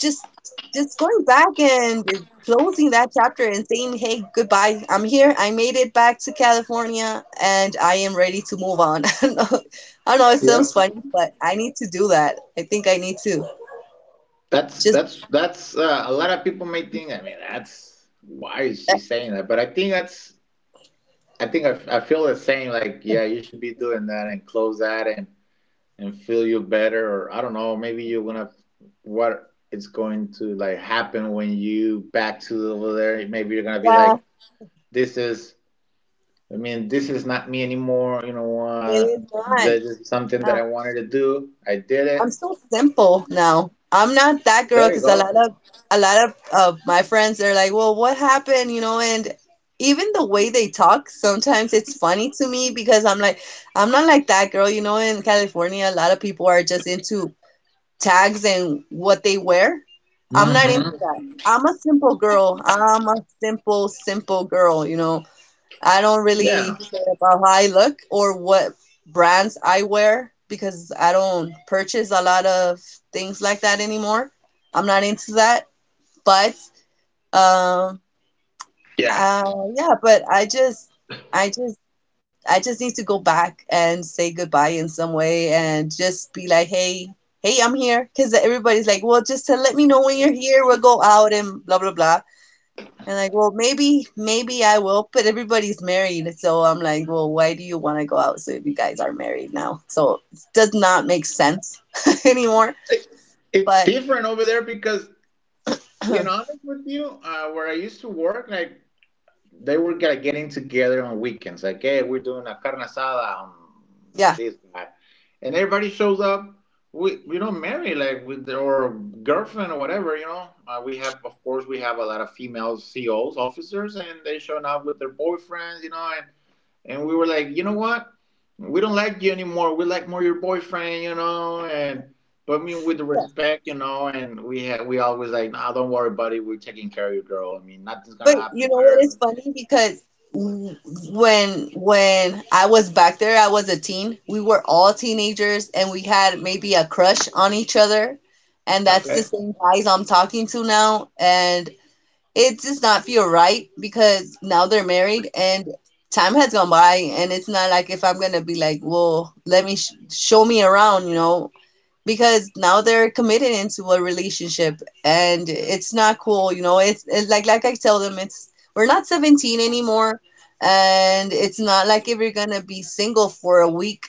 [SPEAKER 1] just just going back and closing that chapter and saying, hey, goodbye. I'm here. I made it back to California and I am ready to move on. [LAUGHS] I don't know, I know it sounds
[SPEAKER 2] Yep.
[SPEAKER 1] funny, but I need to do that. I think I need to just,
[SPEAKER 2] That's a lot of people may think. I mean, that's why is
[SPEAKER 1] uh,
[SPEAKER 2] she saying that? But I think that's. I think I, f- I feel the same. Like, yeah, you should be doing that and close that and feel you better. Or I don't know. Maybe you're gonna what it's going to like happen when you back to over there. Maybe you're gonna be
[SPEAKER 1] yeah,
[SPEAKER 2] like, this is I mean, this is not me anymore. You know,
[SPEAKER 1] it is not.
[SPEAKER 2] this is something
[SPEAKER 1] Yeah.
[SPEAKER 2] that I wanted to do. I did it.
[SPEAKER 1] I'm so simple now. I'm not that girl
[SPEAKER 2] There you
[SPEAKER 1] because a lot
[SPEAKER 2] go.
[SPEAKER 1] of a lot of, of my friends they're like, well, what happened? You know, and even the way they talk, sometimes it's funny to me because I'm like, I'm not like that girl. You know, in California, a lot of people are just into tags and what they wear. I'm not into
[SPEAKER 2] Hmm.
[SPEAKER 1] that. I'm a simple girl. I'm a simple, simple girl. You know, I don't
[SPEAKER 2] Yeah,
[SPEAKER 1] really care about how I look or what brands I wear because I don't purchase a lot of things like that anymore. I'm not into that. But um
[SPEAKER 2] yeah.
[SPEAKER 1] uh yeah, but I just I just need to go back and say goodbye in some way and just be like, "Hey, hey, I'm here." Cuz everybody's like, "Well, just to let me know when you're here. We'll go out and blah blah blah." And like, well, maybe I will, but everybody's married. So I'm like, well, why do you want to go out? So if you guys are married now, so it does not make sense [LAUGHS] anymore.
[SPEAKER 2] It, it's
[SPEAKER 1] But
[SPEAKER 2] different over there because,
[SPEAKER 1] [CLEARS THROAT] yeah,
[SPEAKER 2] being honest with you, where I used to work, like they were gonna getting together on weekends. Like, hey, we're doing a carne asada on
[SPEAKER 1] yeah.
[SPEAKER 2] this guy, and everybody shows up. We don't marry like with or girlfriend or whatever, you know. We have, of course, we have a lot of female COs, officers, and they showing up with their boyfriends, you know. And we were like, you know what? We don't like you anymore. We like more your boyfriend, you know. And but I mean, with the respect, you know. And we always like, nah, don't worry, buddy. We're taking care of your girl. I mean, nothing's gonna
[SPEAKER 1] But you
[SPEAKER 2] happen to
[SPEAKER 1] know what?
[SPEAKER 2] her.
[SPEAKER 1] It's funny because w- when I was back there, I was a teen. We were all teenagers, and we had maybe a crush on each other. And that's the
[SPEAKER 2] Okay.
[SPEAKER 1] same guys I'm talking to now. And it does not feel right because now they're married and time has gone by, and it's not like if I'm gonna be like, well, let me show me around, you know, because now they're committed into a relationship, and it's not cool, you know, like I tell them, it's we're not 17 anymore, and it's not like if you're gonna be single for a week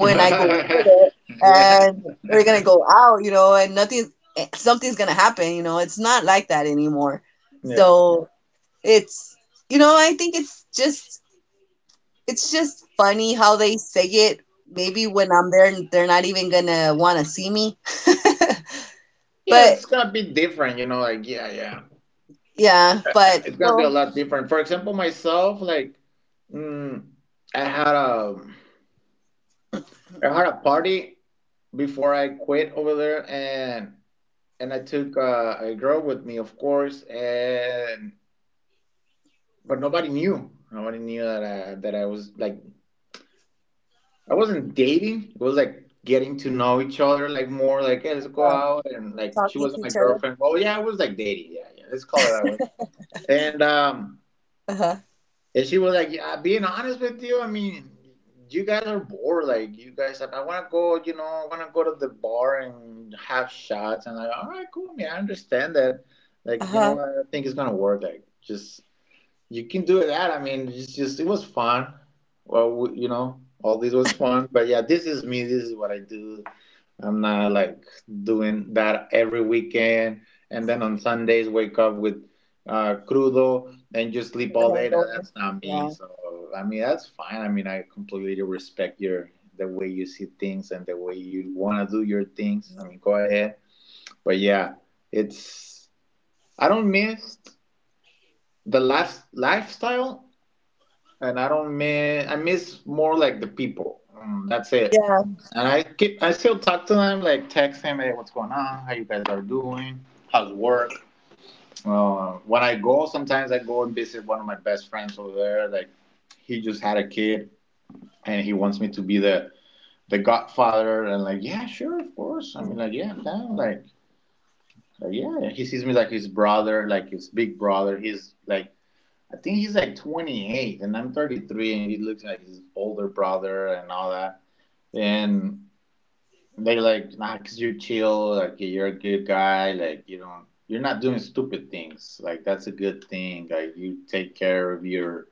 [SPEAKER 2] [LAUGHS]
[SPEAKER 1] I go over
[SPEAKER 2] Yeah.
[SPEAKER 1] there,
[SPEAKER 2] Yeah.
[SPEAKER 1] and we're gonna go out, you know, and nothing, something's gonna happen, you know. It's not like that anymore. So it's, I think it's just funny how they say it. Maybe when I'm there, they're not even gonna want to see me.
[SPEAKER 2] Yeah,
[SPEAKER 1] But
[SPEAKER 2] it's gonna be different, you know, like yeah, yeah.
[SPEAKER 1] yeah, but
[SPEAKER 2] It's gonna be a
[SPEAKER 1] well,
[SPEAKER 2] lot different. For example, myself, like mm, I had a I had a party before I quit over there and I took a girl with me, of course, and but nobody knew. Nobody knew that I was like I wasn't dating. It was like getting to know each other, like more like, hey, let's go
[SPEAKER 1] uh,
[SPEAKER 2] out. And like, she
[SPEAKER 1] talking to
[SPEAKER 2] wasn't my
[SPEAKER 1] each other.
[SPEAKER 2] girlfriend. Well, yeah, it was like dating. Yeah, yeah, let's call it that way. And
[SPEAKER 1] Uh huh.
[SPEAKER 2] she was like, yeah, being honest with you, I mean, you guys are bored. Like, you guys, like, I want to go, you know, I want to go to the bar and have shots. And like, all right, cool. I mean, I understand that.
[SPEAKER 1] Uh
[SPEAKER 2] Like, you know,
[SPEAKER 1] huh.
[SPEAKER 2] I think it's gonna work. Like, just you can do that. I mean, it's just it was fun. Well, you know, all this was fun. But yeah, this is me. This is what I do. I'm not like doing that every weekend. And then on Sundays, wake up with crudo and just sleep all day.
[SPEAKER 1] Hangover.
[SPEAKER 2] That's not me.
[SPEAKER 1] Yeah.
[SPEAKER 2] So I mean, that's fine. I mean, I completely respect your the way you see things and the way you want to do your things. I
[SPEAKER 1] Mhm.
[SPEAKER 2] mean, go ahead. But yeah, it's I don't miss the lifestyle and I don't miss. I miss more like the people. Mm, that's it.
[SPEAKER 1] Yeah.
[SPEAKER 2] And I keep. I still talk to them, like text him, hey, what's going on? How you guys are doing? How's work? When I go, sometimes I go and visit one of my best friends over there. Like he just had a kid, and he wants me to be the godfather. And like, yeah, sure, of course. I
[SPEAKER 1] Mm-hmm.
[SPEAKER 2] mean, like, yeah, I'm down. Like yeah. He sees me like his brother, like his big brother. He's like I think he's like 28 and I'm 33 and he looks like his older brother and all that. And they are like, nah, cause you're chill, like you're a good guy, you're not doing stupid things. Like that's a good thing. Like you take care of your,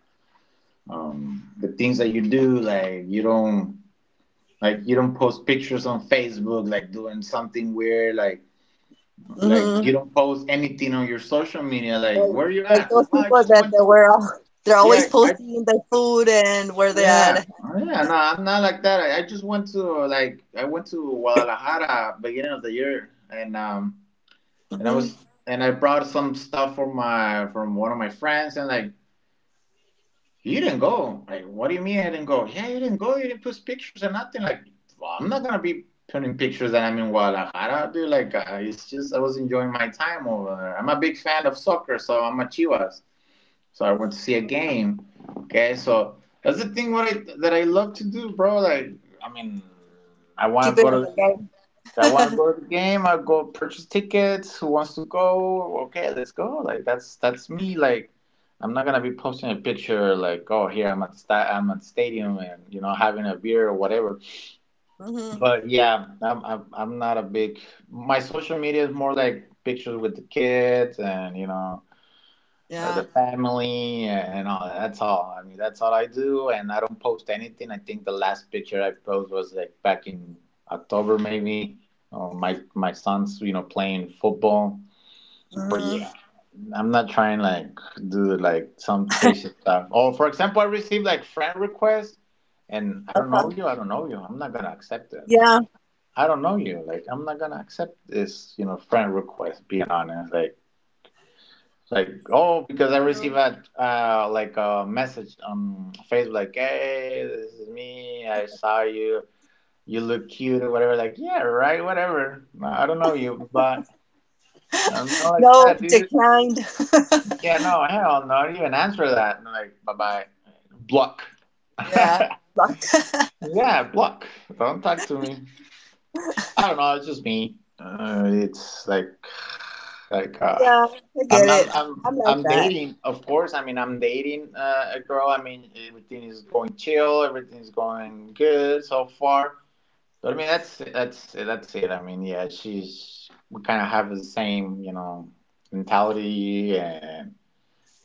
[SPEAKER 2] the things that you do. Like you don't post pictures on Facebook, like doing something weird. Like
[SPEAKER 1] Mm-hmm.
[SPEAKER 2] you don't post anything on your social media. Like where are you
[SPEAKER 1] Like
[SPEAKER 2] at?
[SPEAKER 1] those
[SPEAKER 2] "Well, I
[SPEAKER 1] people
[SPEAKER 2] just
[SPEAKER 1] that
[SPEAKER 2] went
[SPEAKER 1] they
[SPEAKER 2] to,"
[SPEAKER 1] were all, [LAUGHS] they're always
[SPEAKER 2] yeah, I—
[SPEAKER 1] posting their food and where
[SPEAKER 2] oh,
[SPEAKER 1] they're
[SPEAKER 2] yeah,
[SPEAKER 1] at.
[SPEAKER 2] oh, yeah. No, I'm not like that. I just went to like I went to Guadalajara beginning of the year, and I
[SPEAKER 1] Hmm.
[SPEAKER 2] was and I brought some stuff from my from one of my friends, and like you didn't go. Like, what do you mean I didn't go? Yeah, you didn't go. You didn't post pictures or nothing. Like, well, I'm not gonna be putting pictures that I'm in Guadalajara, dude. Like, it's just I was enjoying my time over there. I'm a big fan of soccer, so I'm a Chivas. So I went to see a game. Okay, so that's the thing what I that I love to do, bro. Like I mean, I want
[SPEAKER 1] Keep
[SPEAKER 2] to
[SPEAKER 1] it
[SPEAKER 2] go
[SPEAKER 1] on
[SPEAKER 2] to the
[SPEAKER 1] the
[SPEAKER 2] game.
[SPEAKER 1] low.
[SPEAKER 2] I want to go to the game. I go purchase tickets. Who wants to go? Okay, let's go. Like that's me. Like I'm not gonna be posting a picture like, oh, here I'm at the I'm at the stadium and you know having a beer or whatever.
[SPEAKER 1] [LAUGHS] Hmm.
[SPEAKER 2] But yeah, I'm not a big. My social media is more like pictures with the kids and you know
[SPEAKER 1] Yeah.
[SPEAKER 2] the family and all that. That's all. I mean, that's all I do, and I don't post anything. I think the last picture I posted was like back in October, maybe. Oh, my son's you know playing football, but
[SPEAKER 1] Hmm.
[SPEAKER 2] yeah, I'm not trying like do like some crazy stuff. Or for example, I received like friend requests, and I don't know
[SPEAKER 1] Uh-huh.
[SPEAKER 2] you. I don't know you. I'm not gonna accept it. I
[SPEAKER 1] Yeah.
[SPEAKER 2] mean. I don't know you. Like, I'm not gonna accept this, you know, friend request. Being honest, like, oh, because I received
[SPEAKER 1] True.
[SPEAKER 2] a like a message on Facebook, like, hey, this is me. I saw you. You look cute or whatever. Like, yeah, right, whatever. I don't know you, but I'm not like
[SPEAKER 1] No,
[SPEAKER 2] that, dude.
[SPEAKER 1] declined.
[SPEAKER 2] Yeah, no, hell no, I didn't even answer that. And I'm like, bye bye, block.
[SPEAKER 1] Yeah.
[SPEAKER 2] [LAUGHS]
[SPEAKER 1] Blocked.
[SPEAKER 2] Yeah, block. Don't talk to me. I don't know. It's just me. It's like like
[SPEAKER 1] [LAUGHS]
[SPEAKER 2] uh,
[SPEAKER 1] Yeah. I get it. I, I'm like
[SPEAKER 2] I'm
[SPEAKER 1] that.
[SPEAKER 2] dating, of course. I mean, I'm dating a girl. I mean, everything is going chill. Everything is going good so far. But I mean, that's it. I mean, yeah, she's we kind of have the same, you know, mentality and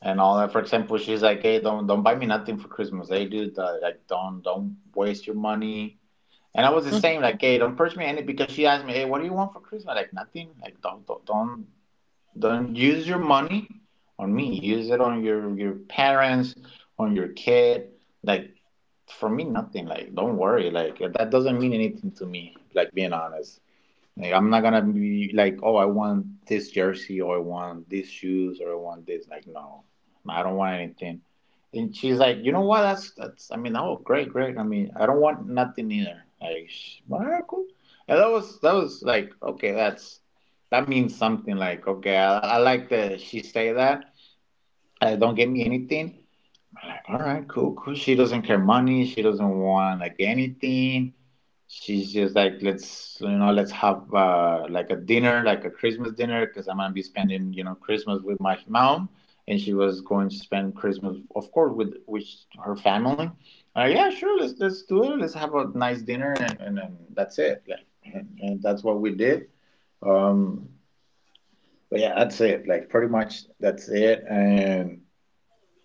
[SPEAKER 2] all that. For example, she's like, "Hey, don't buy me nothing for Christmas. Hey, dude, like don't waste your money." And I was the
[SPEAKER 1] Mhm.
[SPEAKER 2] same, like, "Hey, don't purchase me any," because she asked me, "Hey, what do you want for Christmas?" Like nothing. Like don't. Don't use your money on me. Use it on your parents, on your kid. Like for me, nothing. Like don't worry. Like that doesn't mean anything to me. Like being honest. Like, I'm not gonna be like, oh, I want this jersey or I want these shoes or I want this. Like, no, I don't want anything. And she's like, you know what? That's that's. I mean, oh, great, great. I mean, I don't want nothing either. Like, all right, cool. And that was like, okay, that's that means something. Like, okay, I like that she say that. Don't give me anything. All right, cool, cool. She doesn't care money. She doesn't want like anything. She's just like let's you know let's have like a dinner, like a Christmas dinner, because I'm gonna be spending you know Christmas with my mom, and she was going to spend Christmas, of course, with her family. Yeah, sure, let's do it. Let's have a nice dinner, and and that's it. Like, and that's what we did. Um, but yeah, that's it. Like pretty much that's it, and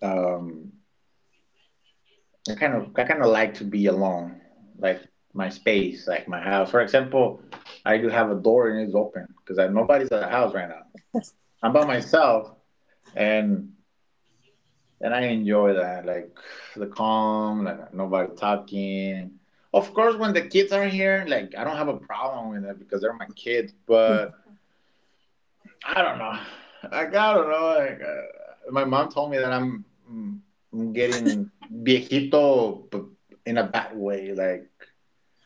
[SPEAKER 2] um I kind of like to be alone, like my space, like my house. For example, I do have a door and it's open because nobody's at the house right now. I'm by myself, and I enjoy that, like the calm, like nobody talking. Of course, when the kids are here, like I don't have a problem with it because they're my kids. But I don't know, like I don't know. Like my mom told me that I'm getting viejito, but in a bad way, like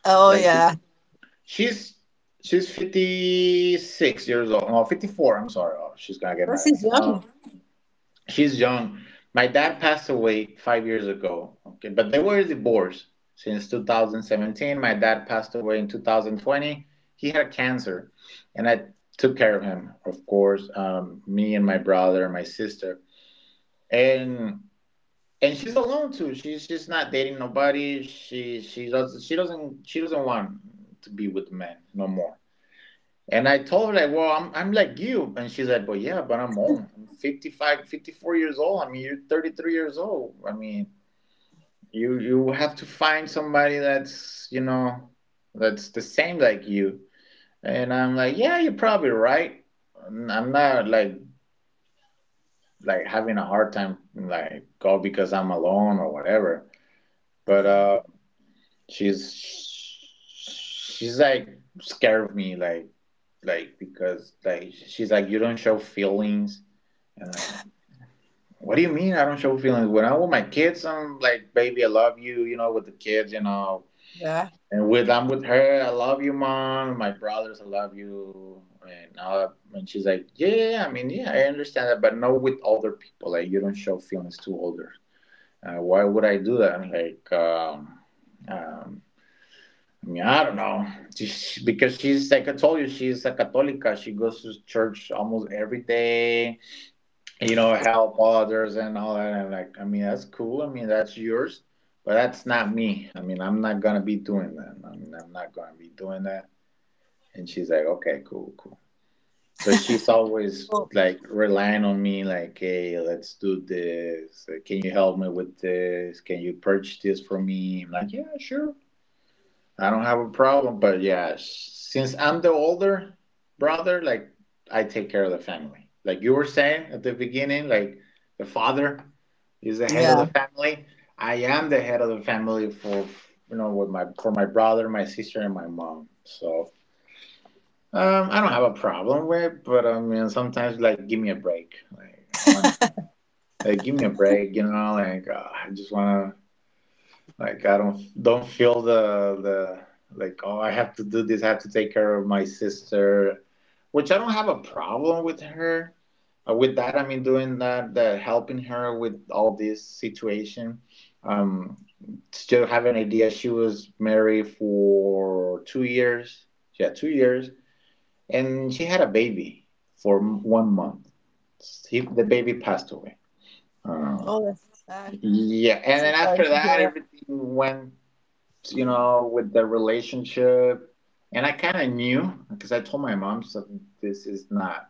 [SPEAKER 1] Oh
[SPEAKER 2] Like
[SPEAKER 1] yeah.
[SPEAKER 2] she's she's 56 years old. No, 54. I'm sorry. Oh, she's gonna get
[SPEAKER 1] But
[SPEAKER 2] mad at me.
[SPEAKER 1] she's young.
[SPEAKER 2] She's young. My dad passed away 5 years ago. Okay, but they were divorced since 2017. My dad passed away in 2020. He had cancer, and I took care of him, of course. Me and my brother, my sister, and she's alone too. She's not dating nobody. She doesn't want to be with men no more. And I told her like, well, I'm like you, and she's like, but yeah, but I'm old. I'm 54 years old. I mean, you're 33 years old. I mean, you have to find somebody that's you know that's the same like you. And I'm like, yeah, you're probably right. I'm not like like having a hard time like oh because I'm alone or whatever. But
[SPEAKER 1] Hmm.
[SPEAKER 2] she's she's like scared of me like because like she's like you don't show feelings and I'm what do you mean I don't show feelings? When I'm with my kids I'm like baby I love you you know, with the kids you know,
[SPEAKER 1] Yeah.
[SPEAKER 2] and with I'm with her I love you mom, my brothers I love you and all that. And she's like yeah I mean yeah I understand that but not with other people like you don't show feelings to others. Uh, why would I do that like um, I mean, I don't know. Just— because she's like I told you, she's a Católica. She goes to church almost every day. You know, help others and all that. And like, I mean, that's cool. I mean, that's yours, but that's not me. I mean, I'm not gonna be doing that. And she's like, okay, cool, cool. But she's always
[SPEAKER 1] Oh
[SPEAKER 2] like relying on me, like, hey, let's do this. Can you help me with this? Can you purchase this for me? I'm like, yeah, sure, I don't have a problem, but yeah, since I'm the older brother, like I take care of the family. Like you were saying at the beginning, like the father is the head of the
[SPEAKER 1] yeah.
[SPEAKER 2] family. I am the head of the family for, you know, with my, for my brother, my sister, and my mom. So I don't have a problem with, but I mean sometimes like give me a break. Like I want to, like give me a break, you know. Like I just want to, like I don't feel the like, oh, I have to do this, I have to take care of my sister, which I don't have a problem with her. With that, I mean doing that, that helping her with all this situation. Um, Still have an idea. She was married for 2 years. She had 2 years, and she had a baby for 1 month. He, the baby passed away. Uh,
[SPEAKER 1] Oh, that's sad.
[SPEAKER 2] yeah, and
[SPEAKER 1] So
[SPEAKER 2] then
[SPEAKER 1] sorry
[SPEAKER 2] after
[SPEAKER 1] to hear
[SPEAKER 2] that,
[SPEAKER 1] that.
[SPEAKER 2] everything went, you know, with the relationship. And I kind of knew because I told my mom, so this is not,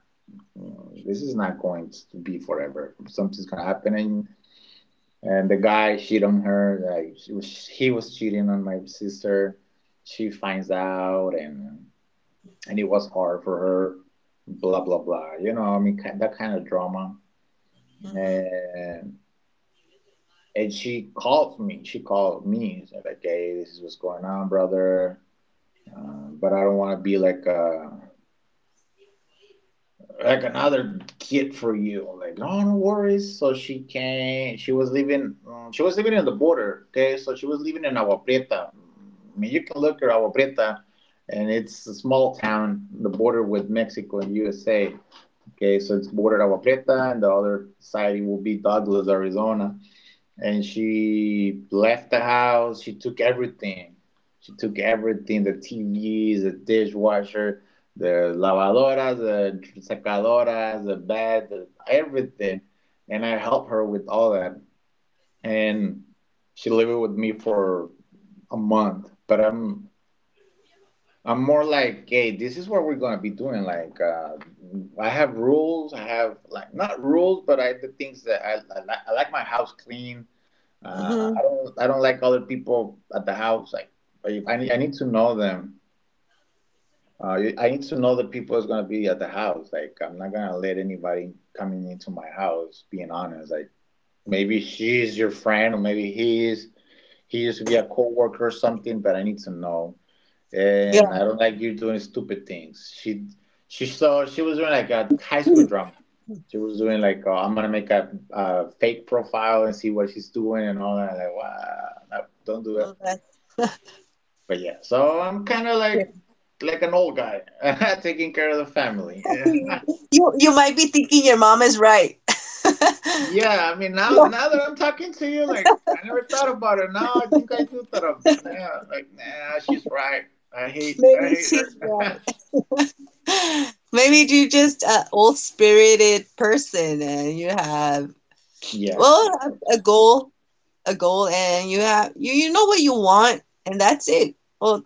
[SPEAKER 2] this is not going to be forever. Something's gonna happen, and the guy cheated on her. Like he was cheating on my sister. She finds out, and it was hard for her. Blah blah blah. You know, I mean, that kind of drama.
[SPEAKER 1] Hmm.
[SPEAKER 2] And she called me. She's like, "Hey, this is what's going on, brother." But I don't want to be like a, like another kid for you. Like, oh, no worries. So she came. She was living in the border. Okay, so she was living in Agua Prieta. I mean, you can look at Agua Prieta, and it's a small town, the border with Mexico and USA. Okay, so it's bordered Agua Prieta, and the other side will be Douglas, Arizona, and she left the house. She took everything. She took everything: the TVs, the dishwasher, the lavadoras, the secadoras, the bed, the, everything. And I helped her with all that. And she lived with me for a month. But I'm more like, hey, this is what we're gonna be doing. Like, I have rules. I have like not rules, but I, the things that I like, I like my house clean. I
[SPEAKER 1] Hmm.
[SPEAKER 2] don't I don't like other people at the house. Like if I need to know them. I need to know the people that's gonna be at the house. Like I'm not gonna let anybody coming into my house. Being honest, like maybe she's your friend or maybe he's, he used to be a coworker or something, but I need to know, and I
[SPEAKER 1] Yeah.
[SPEAKER 2] don't like you doing stupid things. She saw, she was doing like a high school drama. She was doing like, oh, I'm gonna make a fake profile and see what she's doing and all that. I'm like, wow, no, don't do that.
[SPEAKER 1] Well, that's.
[SPEAKER 2] But yeah, so I'm kind of
[SPEAKER 1] [LAUGHS] Yeah.
[SPEAKER 2] like an old guy [LAUGHS] taking care of the family.
[SPEAKER 1] [LAUGHS]
[SPEAKER 2] [LAUGHS]
[SPEAKER 1] You might be thinking your mom is right. [LAUGHS]
[SPEAKER 2] Yeah. Yeah, I mean, now
[SPEAKER 1] Yeah,
[SPEAKER 2] now that I'm talking to you, like I never thought about it. Now I think I do thought of, yeah, like nah, she's right. I
[SPEAKER 1] maybe
[SPEAKER 2] hate
[SPEAKER 1] she's
[SPEAKER 2] her.
[SPEAKER 1] right. Maybe you're just a old-spirited person, and you have,
[SPEAKER 2] [LAUGHS] Yeah.
[SPEAKER 1] well, a, a goal, a goal, and you know what you want, and that's it. Well,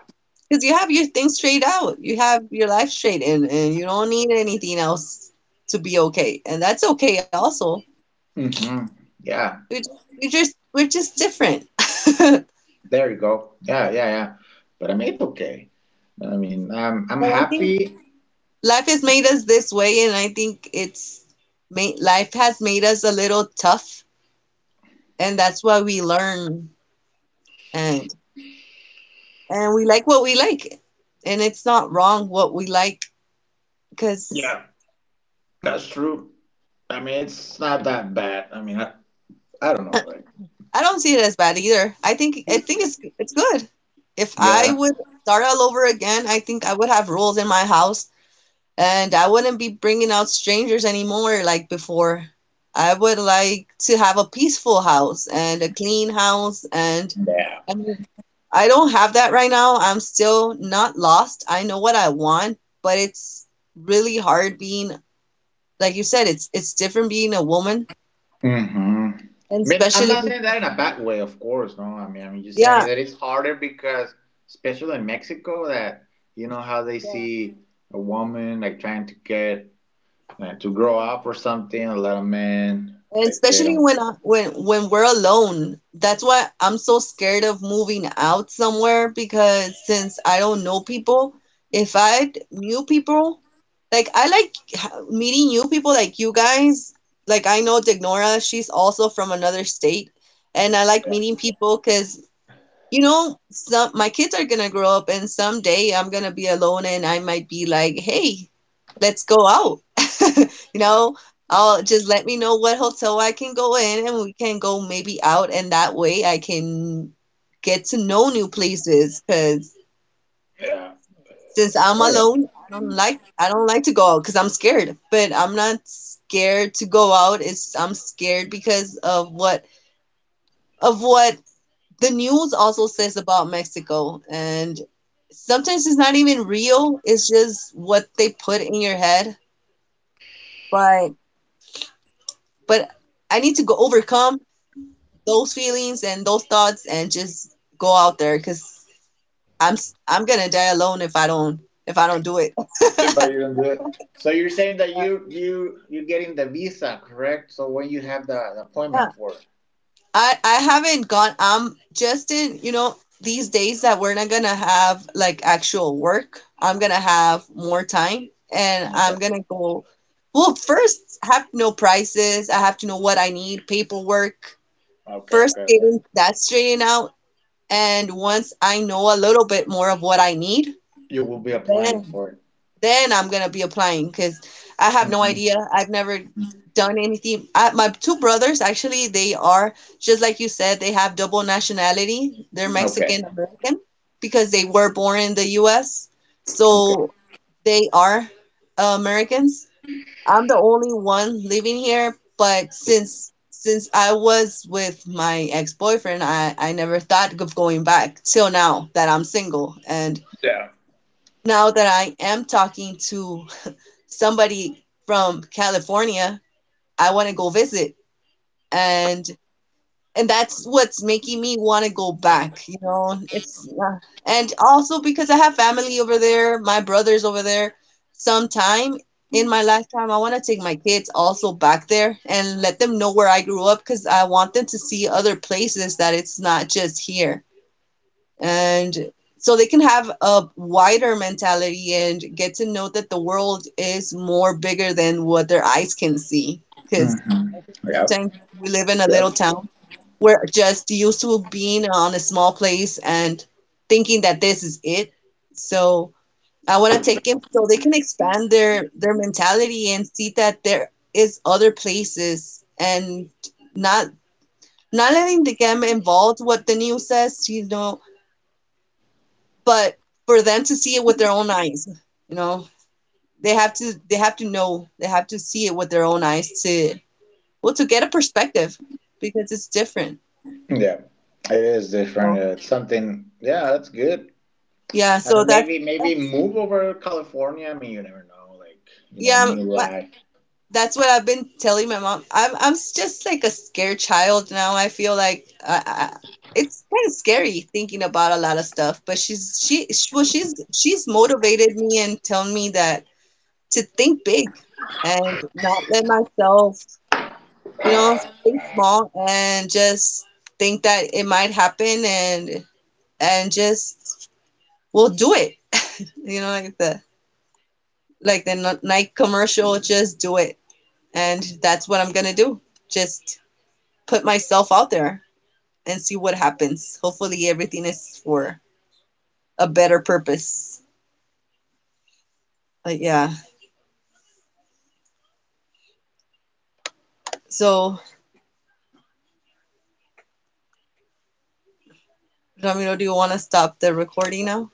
[SPEAKER 1] because you have your things straight out, you have your life straight, and you don't need anything else to be okay, and that's okay also.
[SPEAKER 2] Hmm. Yeah.
[SPEAKER 1] We we're just different. [LAUGHS]
[SPEAKER 2] There you go. Yeah, yeah, yeah. But I mean, it's okay. I mean, I'm
[SPEAKER 1] But I think.
[SPEAKER 2] happy.
[SPEAKER 1] Life has made us this way, and I think it's made life has made us a little tough, and that's why we learn, and and we like what we like, and it's not wrong what we like because
[SPEAKER 2] Yeah, that's true. I mean, it's not that bad. I mean, I don't know. Like,
[SPEAKER 1] I don't see it as bad either. I think it's good. If I
[SPEAKER 2] yeah,
[SPEAKER 1] would start all over again, I think I would have rules in my house, and I wouldn't be bringing out strangers anymore like before. I would like to have a peaceful house and a clean house. And
[SPEAKER 2] yeah.
[SPEAKER 1] I mean, I don't have that right now. I'm still not lost. I know what I want, but it's really hard being, like you said, it's different being a woman,
[SPEAKER 2] Hmm.
[SPEAKER 1] and
[SPEAKER 2] I mean, I'm
[SPEAKER 1] especially
[SPEAKER 2] not saying that
[SPEAKER 1] because,
[SPEAKER 2] in a bad way, of course. No, I mean, I'm just saying
[SPEAKER 1] yeah,
[SPEAKER 2] that it's harder because, especially in Mexico, that you know how they
[SPEAKER 1] yeah.
[SPEAKER 2] see a woman like trying to get, like, to grow
[SPEAKER 1] mhm.
[SPEAKER 2] up or something, a little man
[SPEAKER 1] And
[SPEAKER 2] like they
[SPEAKER 1] especially
[SPEAKER 2] don't.
[SPEAKER 1] when when we're alone. That's why I'm so scared of moving out somewhere because since I don't know people, if I knew people, meeting new people like you guys. Like I know Dignora, she's also from another state, and I like
[SPEAKER 2] Yeah.
[SPEAKER 1] meeting people because some my kids are gonna grow up and someday I'm gonna be alone and I might be like, hey, let's go out. [LAUGHS] You know, I'll just let me know what hotel I can go in and we can go maybe out and that way I can get to know new places because
[SPEAKER 2] Yeah.
[SPEAKER 1] since I'm
[SPEAKER 2] Oh yeah.
[SPEAKER 1] alone, I don't like to go out because I'm scared. But I'm not scared to go out. It's I'm scared because of what the news also says about Mexico, and sometimes it's not even real. It's just what they put in your head. But but I need to go overcome those feelings and those thoughts and just go out there because I'm gonna die alone if I don't, if I don't do it.
[SPEAKER 2] But you don't do it. So you're saying that you you're getting the visa, correct? So when you have the appointment
[SPEAKER 1] [LAUGHS]
[SPEAKER 2] for it.
[SPEAKER 1] I haven't gone. I'm just in, these days that we're not gonna have like actual work. I'm gonna have more time and
[SPEAKER 2] Okay.
[SPEAKER 1] I'm gonna go. Well, first have to know prices. I have to know what I need, paperwork.
[SPEAKER 2] Okay.
[SPEAKER 1] First
[SPEAKER 2] Okay. Okay.
[SPEAKER 1] getting that straightened out, and once I know a little bit more of what I need,
[SPEAKER 2] You will be applying
[SPEAKER 1] then
[SPEAKER 2] for it.
[SPEAKER 1] then I'm gonna be applying because I have no
[SPEAKER 2] Hmm.
[SPEAKER 1] idea. I've never done anything. I, my two brothers actually, they are just like you said. They have double nationality. They're
[SPEAKER 2] Okay.
[SPEAKER 1] Mexican American because they were born in the U.S.
[SPEAKER 2] Okay.
[SPEAKER 1] So they are Americans. I'm the only one living here, but since I was with my ex-boyfriend, I never thought of going back till now that I'm single and
[SPEAKER 2] Yeah.
[SPEAKER 1] now that I am talking to somebody from California. I want to go visit, and and that's what's making me want to go back. You know, it's and also because I have family over there, my brothers over there. Sometime in my lifetime, I want to take my kids also back there and let them know where I grew up because I want them to see other places that it's not just here, and so they can have a wider mentality and get to know that the world is more bigger than what their eyes can see because
[SPEAKER 2] Hmm.
[SPEAKER 1] I think
[SPEAKER 2] Yep.
[SPEAKER 1] sometimes we live in a little
[SPEAKER 2] Yep.
[SPEAKER 1] town. We're just used to being on a small place and thinking that this is it. So I want to take them so they can expand their mentality and see that there is other places, and not not letting the them involved what the news says, you know, but for them to see it with their own eyes, you know, they have to know, they have to see it with their own eyes to, well, to get a perspective because it's different.
[SPEAKER 2] Yeah. It is different.
[SPEAKER 1] So
[SPEAKER 2] It's something. Yeah, that's good.
[SPEAKER 1] yeah,
[SPEAKER 2] I
[SPEAKER 1] so
[SPEAKER 2] mean, maybe
[SPEAKER 1] that's
[SPEAKER 2] move over to California. I mean, you never know. Like you know,
[SPEAKER 1] yeah
[SPEAKER 2] new
[SPEAKER 1] that,
[SPEAKER 2] life.
[SPEAKER 1] that's what I've been telling my mom. Just like a scared child now. I feel like I, it's kind of scary thinking about a lot of stuff, but well she's she's motivated me and telling me that to think big and not let myself, you know, think small and just think that it might happen, and just we'll do it, you know, like the Nike commercial. Just do it. And that's what I'm gonna do. Just put myself out there and see what happens. Hopefully everything is for a better purpose. But yeah, so Ramiro, do you want to stop the recording now?